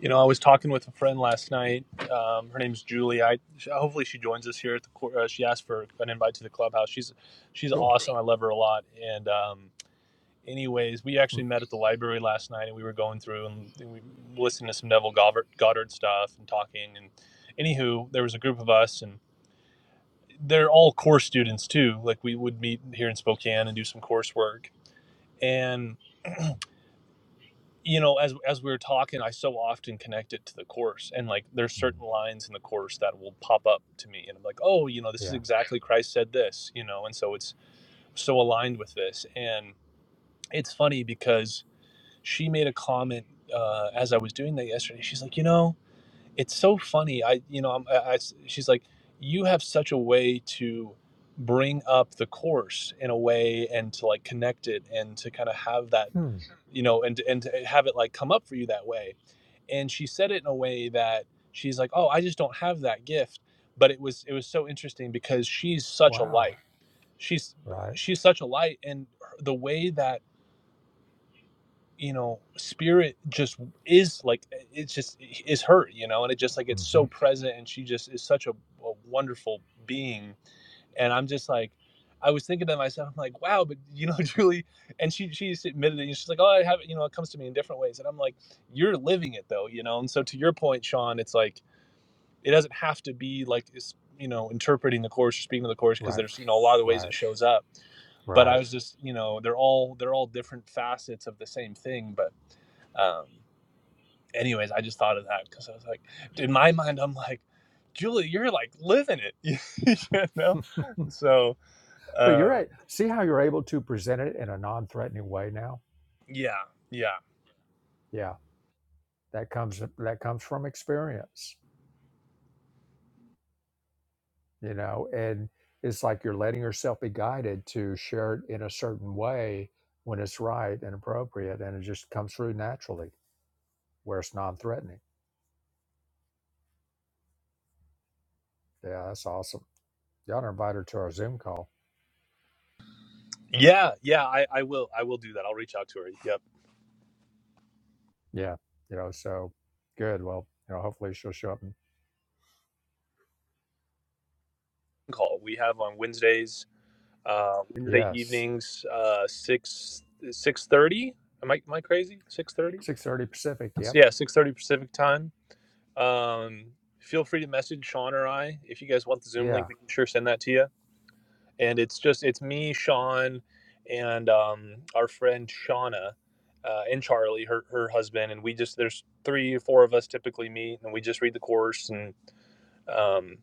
C: you know, I was talking with a friend last night. Um, her name's Julie. I hopefully she joins us here at the. cour- Uh, she asked for an invite to the clubhouse. She's she's
A: Cool.
C: awesome. I love her a lot. And um, anyways, we
A: Mm,
C: actually met at the library last night, and we were going through and we listened to some Neville Goddard, Goddard stuff and talking. And anywho, there was a group of us and they're all course students too. Like we would meet here in Spokane and do some coursework. And you know, as as we were talking, I so often connect it to the course. And like there's
A: mm,
C: certain lines in the course that will pop up to me and I'm like, "Oh, you know, this is
A: Yeah.
C: exactly Christ said this," you know. And so it's so aligned with this. And it's funny because she made a comment uh, as I was doing that yesterday. She's like, "You know, it's so funny. I, you know, I'm, I, I s- she's like, you have such a way to bring up the course in a way and to like connect it and to kind of have that,
A: Hmm.
C: you know, and and to have it like come up for you that way. And she said it in a way that she's like, oh, I just don't have that gift. But it was it was so interesting because she's such a light.
A: Wow.
C: She's
A: Right.
C: she's such a light, and the way that you know spirit just is like it's just is her you know and it just like it's so
A: hmm
C: present and she just is such a, a wonderful being and i'm just like i was thinking to myself i'm like wow but you know julie and she she's admitted it and she's like oh i have it you know it comes to me in different ways and i'm like you're living it though you know and so to your point sean it's like it doesn't have to be like it's you know interpreting the course or speaking to the course because
A: Right.
C: there's you know a lot of ways
A: Right.
C: it shows up but I
A: Right.
C: was just, you know, they're all they're all different facets of the same thing. But um, anyways, I just thought of that because I was like, in my mind, I'm like, Julie, you're like living it, you know. So
A: But you're
C: uh,
A: right. See how you're able to present it in a non-threatening way now.
C: yeah, yeah,
A: Yeah, that comes that comes from experience, you know, and it's like you're letting yourself be guided to share it in a certain way when it's right and appropriate, and it just comes through naturally where it's non-threatening. Yeah, that's awesome. Y'all invite her to our Zoom call.
C: yeah, yeah. I, I will I will do that. I'll reach out to her. Yep.
A: Yeah, you know, so good. Well, you know, hopefully she'll show up
C: Call we have on Wednesdays, uh, Wednesday
A: Yes.
C: evenings, uh, six six thirty. Am I am I crazy? Six thirty.
A: 6:30 Pacific.
C: So
A: Yep.
C: yeah, six thirty Pacific time Um, feel free to message Sean or I if you guys want the Zoom link.
A: Yeah.
C: We can sure send that to you. And it's just it's me, Sean, and um, our friend Shauna. Uh, and Charlie, her her husband, and we just there's three or four of us typically meet, and we just read the course, and um,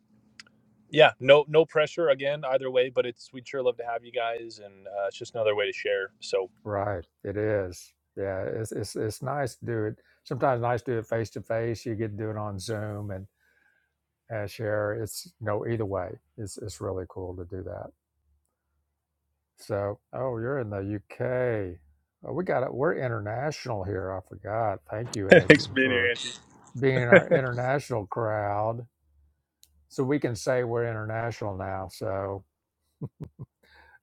C: yeah, no no pressure again either way, but it's we'd sure love to have you guys, and uh, it's just another way to share. So
A: Right. It is. Yeah. It's it's it's nice to do it. Sometimes nice to do it face to face. You get to do it on Zoom and uh, share. It's you know either way. It's it's really cool to do that. So oh, you're in the UK. Oh, we got it. We're international here. I forgot. Thank you,
C: Thanks for
A: Angie,
C: being here,
A: for
C: Angie.
A: being in our international crowd. So we can say we're international now. So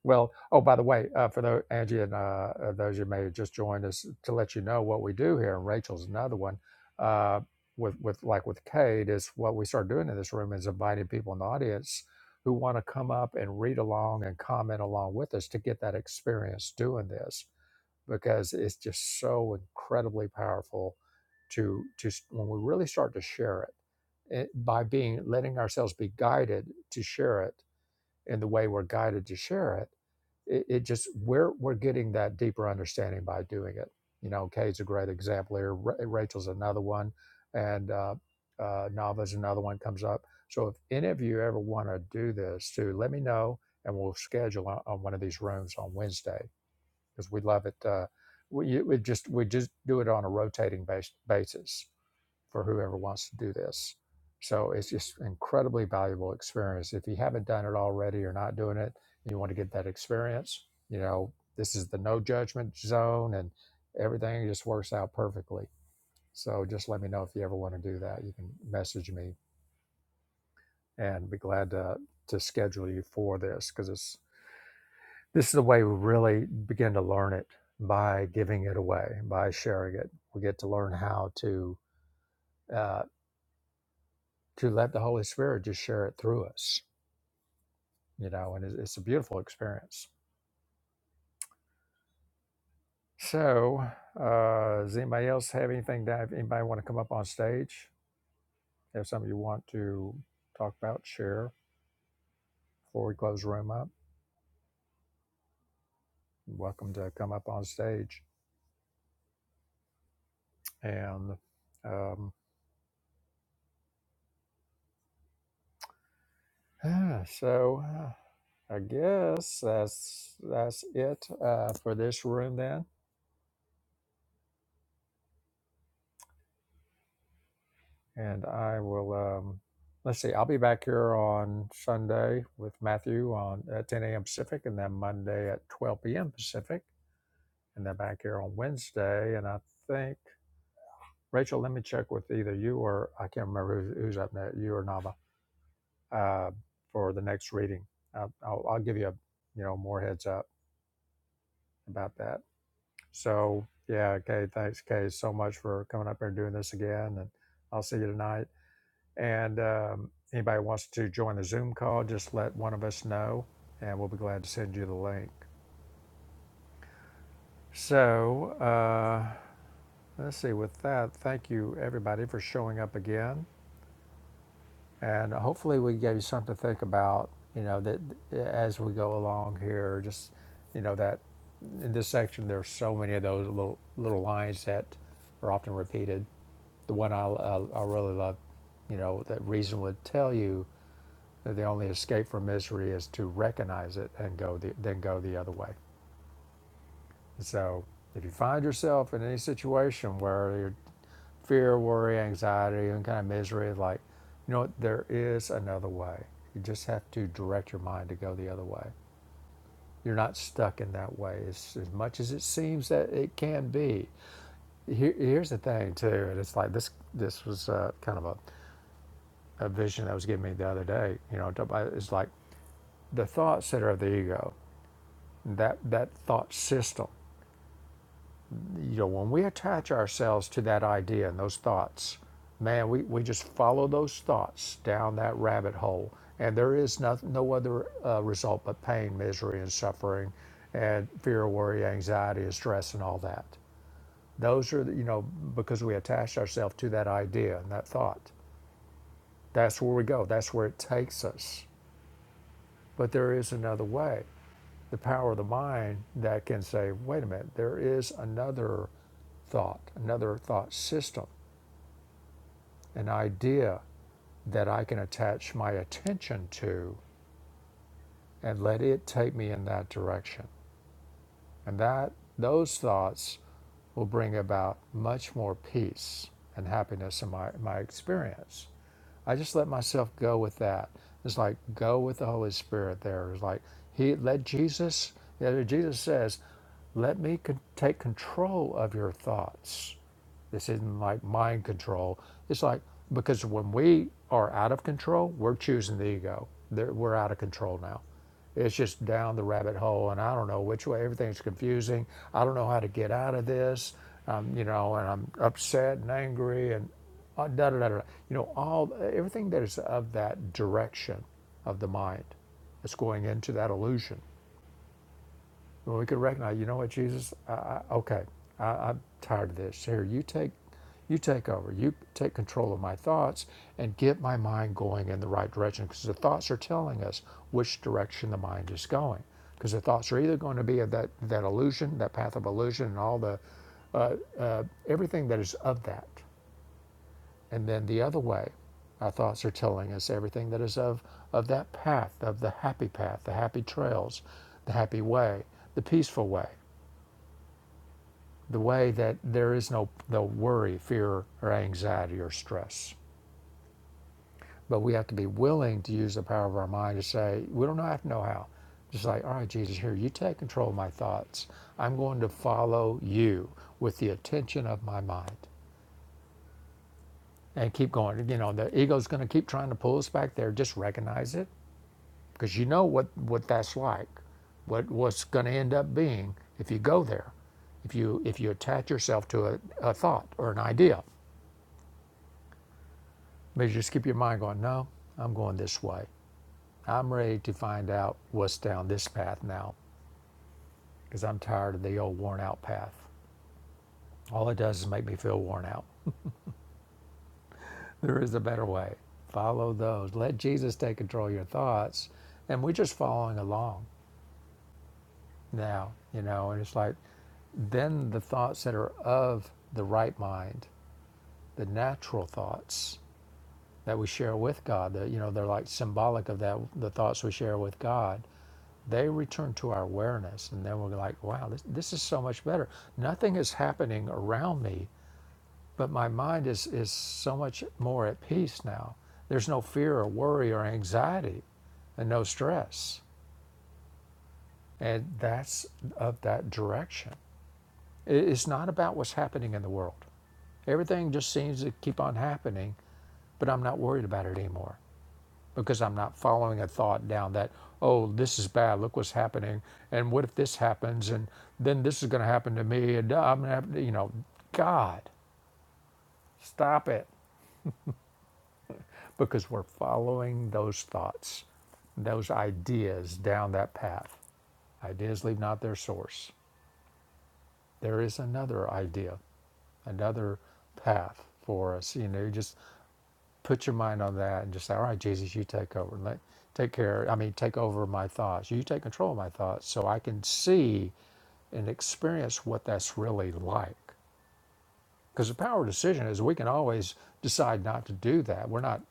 A: Well, oh, by the way, uh, for those, Angie and uh, uh, those you may have just joined us to let you know what we do here, and Rachel's another one, uh, with, with like with Cade is what we start doing in this room is inviting people in the audience who want to come up and read along and comment along with us to get that experience doing this because it's just so incredibly powerful to to s- when we really start to share it, it by being letting ourselves be guided to share it in the way we're guided to share it, it, it just we're we're getting that deeper understanding by doing it. You know, Kay's a great example here. Ra- Rachel's another one, and uh, uh, Nava's another one comes up. So if any of you ever want to do this too, let me know, and we'll schedule on, on one of these rooms on Wednesday because we love it. Uh, we, we just we just do it on a rotating base, basis for whoever wants to do this. So it's just incredibly valuable experience. If you haven't done it already or not doing it, and you want to get that experience, you know, this is the no judgment zone and everything just works out perfectly. So just let me know if you ever want to do that. You can message me and be glad to to schedule you for this because it's this is the way we really begin to learn it by giving it away, by sharing it. We get to learn how to uh, to let the Holy Spirit just share it through us you know, and it's, it's a beautiful experience. So, uh, does anybody else have anything that anybody want to come up on stage? Have something you want to talk about, share before we close the room up? you're Welcome to come up on stage. And um, yeah, so, uh, I guess that's that's it uh, for this room then. and I will. Um, let's see. I'll be back here on Sunday with Matthew on at 10 a.m. Pacific, and then Monday at 12 p.m. Pacific, and then back here on Wednesday. And I think Rachel, let me check with either you or I can't remember who's, who's up next, you or Nava, uh, for the next reading. Uh, I'll, I'll give you a you know more heads up about that. So yeah, okay. Thanks, Kay, so much for coming up here and doing this again, and I'll see you tonight. And um, anybody wants to join the Zoom call, just let one of us know, and we'll be glad to send you the link. So uh, let's see. With that, thank you everybody for showing up again, and hopefully we gave you something to think about. You know that as we go along here, just you know that in this section there's so many of those little little lines that are often repeated. The one I I, I really love, you know, that reason would tell you that the only escape from misery is to recognize it and go the, then go the other way. So if you find yourself in any situation where your fear, worry, anxiety, and kind of misery, like, you know what, there is another way. You just have to direct your mind to go the other way. You're not stuck in that way as, as much as it seems that it can be. Here, here's the thing too, and it's like this. This was uh, kind of a, a vision that was given me the other day. You know, it's like the thoughts that are the ego that that thought system. You know, when we attach ourselves to that idea and those thoughts, man, we, we just follow those thoughts down that rabbit hole, and there is no, no other uh, result but pain, misery, and suffering, and fear, worry, anxiety, and stress, and all that. Those are the- you know because we attach ourselves to that idea and that thought. That's where we go. That's where it takes us. But there is another way. The power of the mind that can say, wait a minute, there is another thought, another thought system, an idea that I can attach my attention to and let it take me in that direction. And that those thoughts will bring about much more peace and happiness in my, my experience. I just let myself go with that. It's like go with the Holy Spirit there. It's like he let Jesus, yeah, Jesus says, let me con- take control of your thoughts This isn't like mind control. It's like because when we are out of control, we're choosing the ego. There- We're out of control now. It's just down the rabbit hole, and I don't know which way. Everything's confusing. I don't know how to get out of this. Um, you know, and I'm upset and angry and uh, da da da da. da. You know, all everything that is of that direction of the mind, that's going into that illusion well, we could recognize, you know what, Jesus, I, I, okay, I, I'm tired of this. Here, you take, you take over. You take control of my thoughts and get my mind going in the right direction because the thoughts are telling us which direction the mind is going. Because the thoughts are either going to be of that, that illusion, that path of illusion, and all the uh, uh, everything that is of that. And then the other way, our thoughts are telling us everything that is of, of that path, of the happy path, the happy trails, the happy way, the peaceful way, the way that there is no, no worry, fear, or anxiety or stress. But we have to be willing to use the power of our mind to say, we don't know, have to know how. Just like, all right, Jesus, here, you take control of my thoughts. I'm going to follow you with the attention of my mind and keep going. You know, the ego's going to keep trying to pull us back there. Just recognize it because you know what, what that's like, what, what's going to end up being if you go there, if you, if you attach yourself to a, a thought or an idea But you just keep your mind going, no, I'm going this way. I'm ready to find out what's down this path now because I'm tired of the old worn out path. All it does is make me feel worn out. There is a better way. Follow those. Let Jesus take control of your thoughts. And we're just following along now, you know. And it's like, then the thoughts that are of the right mind, the natural thoughts that we share with God, that, you know, they're like symbolic of that, the thoughts we share with God they return to our awareness and then we're like wow this, this is so much better nothing is happening around me but my mind is is so much more at peace now there's no fear or worry or anxiety and no stress and that's of that direction it's not about what's happening in the world everything just seems to keep on happening but i'm not worried about it anymore because I'm not following a thought down that, oh, this is bad. Look what's happening. And what if this happens? And then this is going to happen to me. And I'm going to have, to, you know, God, stop it. Because we're following those thoughts, those ideas down that path. Ideas leave not their source. There is another idea, another path for us. You know, you just put your mind on that and just say, all right, Jesus, you take over. Let, take care. I mean, take over my thoughts. You take control of my thoughts so I can see and experience what that's really like. Because the power of decision is we can always decide not to do that. We're not.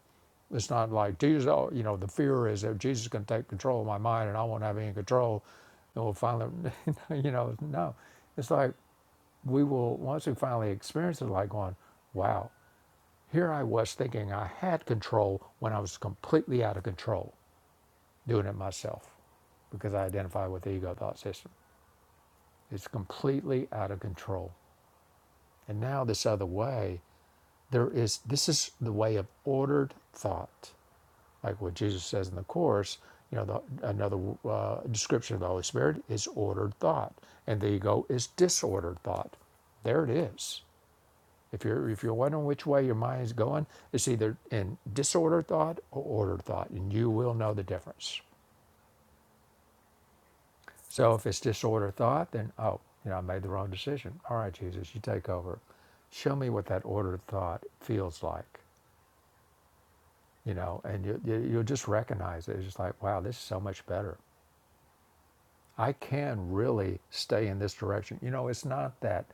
A: It's not like Jesus. Oh, you know, the fear is that Jesus is going to take control of my mind and I won't have any control. And we'll finally, you know, no. It's like we will once we finally experience it, like going, wow, here I was thinking I had control when I was completely out of control doing it myself because I identify with the ego thought system. It's completely out of control. And now this other way there is this is the way of ordered thought like what jesus says in the course you know the, another uh, description of the holy spirit is ordered thought and the ego is disordered thought there it is if you're if you're wondering which way your mind is going it's either in disordered thought or ordered thought and you will know the difference so if it's disordered thought then oh you know i made the wrong decision all right jesus you take over show me what that ordered thought feels like you know, and you, you, you'll just recognize it. It's just like, wow, this is so much better. I can really stay in this direction. You know, it's not that,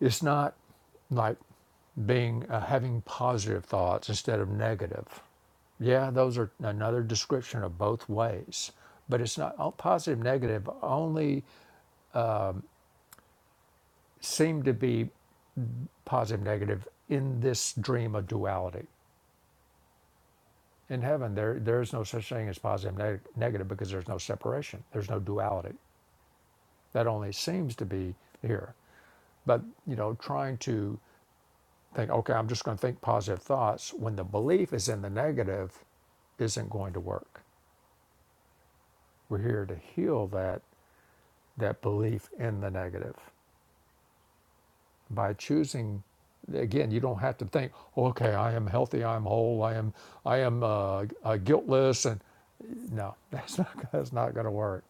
A: it's not like being, uh, having positive thoughts instead of negative. Yeah, those are another description of both ways, but it's not all positive, negative only seem to be positive, negative in this dream of duality. In heaven, there, there is no such thing as positive, neg- negative because there's no separation, there's no duality. That only seems to be here. But you know, trying to think, okay, I'm just going to think positive thoughts when the belief is in the negative, isn't going to work. We're here to heal that that belief in the negative by choosing. Again, you don't have to think, okay, I am healthy, I am whole, I am I am uh, uh, guiltless, and no, that's not that's not going to work.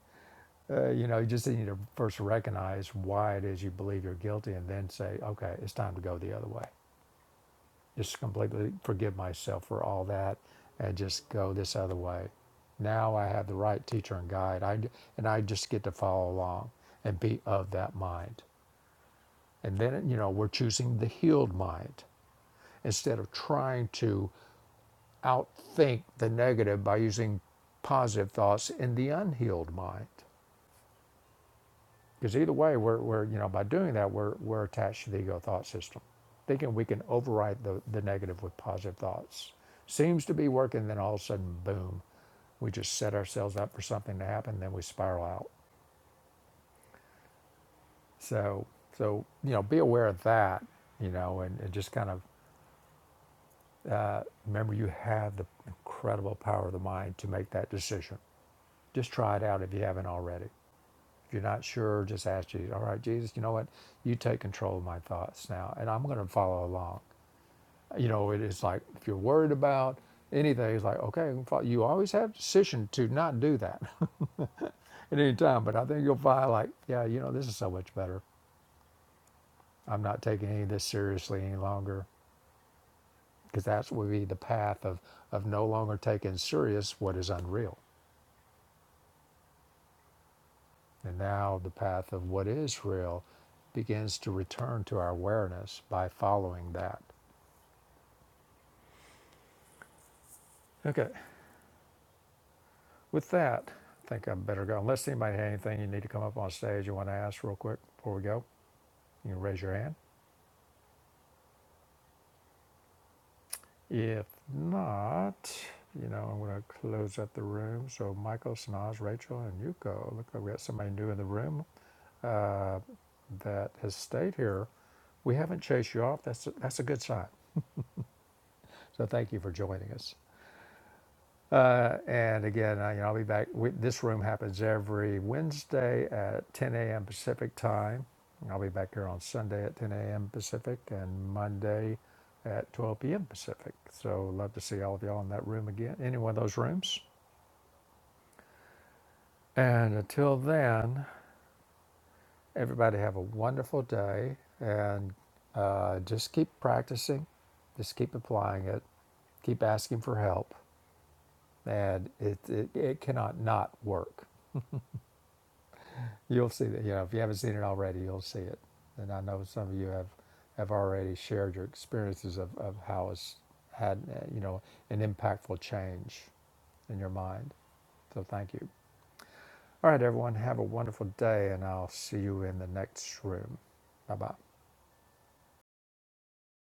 A: Uh, you know, you just need to first recognize why it is you believe you're guilty, and then say, okay, it's time to go the other way. just completely forgive myself for all that and just go this other way. Now I have the right teacher and guide. I and I just get to follow along and be of that mind. And then you know we're choosing the healed mind instead of trying to outthink the negative by using positive thoughts in the unhealed mind. Because either way, we're, we're, you know, by doing that, we're, we're attached to the ego thought system. Thinking we can override the, the negative with positive thoughts seems to be working, then all of a sudden, boom, we just set ourselves up for something to happen, then we spiral out. So, so you know, be aware of that, you know, and, and just kind of uh, remember you have the incredible power of the mind to make that decision. Just try it out if you haven't already. If you're not sure, just ask Jesus, all right, Jesus, you know what? You take control of my thoughts now, and I'm going to follow along. You know, it is like if you're worried about anything, it's like, okay, you always have a decision to not do that at any time, but I think you'll find like, yeah, you know, this is so much better. I'm not taking any of this seriously any longer because that would be the path of, of no longer taking serious what is unreal. And now the path of what is real begins to return to our awareness by following that. Okay. With that, I think I better go. Unless anybody had anything you need to come up on stage you want to ask real quick before we go, you can raise your hand. If not, you know, I'm going to close up the room. So Michael, Sanaz, Rachel, and Yuko, look like we got somebody new in the room uh, that has stayed here. We haven't chased you off. That's a, that's a good sign. So thank you for joining us. Uh, and again, I, you know, I'll be back. We, this room happens every Wednesday at 10 a.m. Pacific time. And I'll be back here on Sunday at 10 a.m. Pacific and Monday at 12 p.m. Pacific. So love to see all of y'all in that room again, any one of those rooms. And until then, everybody have a wonderful day and uh, just keep practicing, just keep applying it, keep asking for help, and it, it, it cannot not work. You'll see that, you know, if you haven't seen it already, you'll see it. And I know some of you have, have already shared your experiences of, of how it's had, uh, you know, an impactful change in your mind. So thank you. All right, everyone, have a wonderful day, and I'll see you in the next room. Bye bye.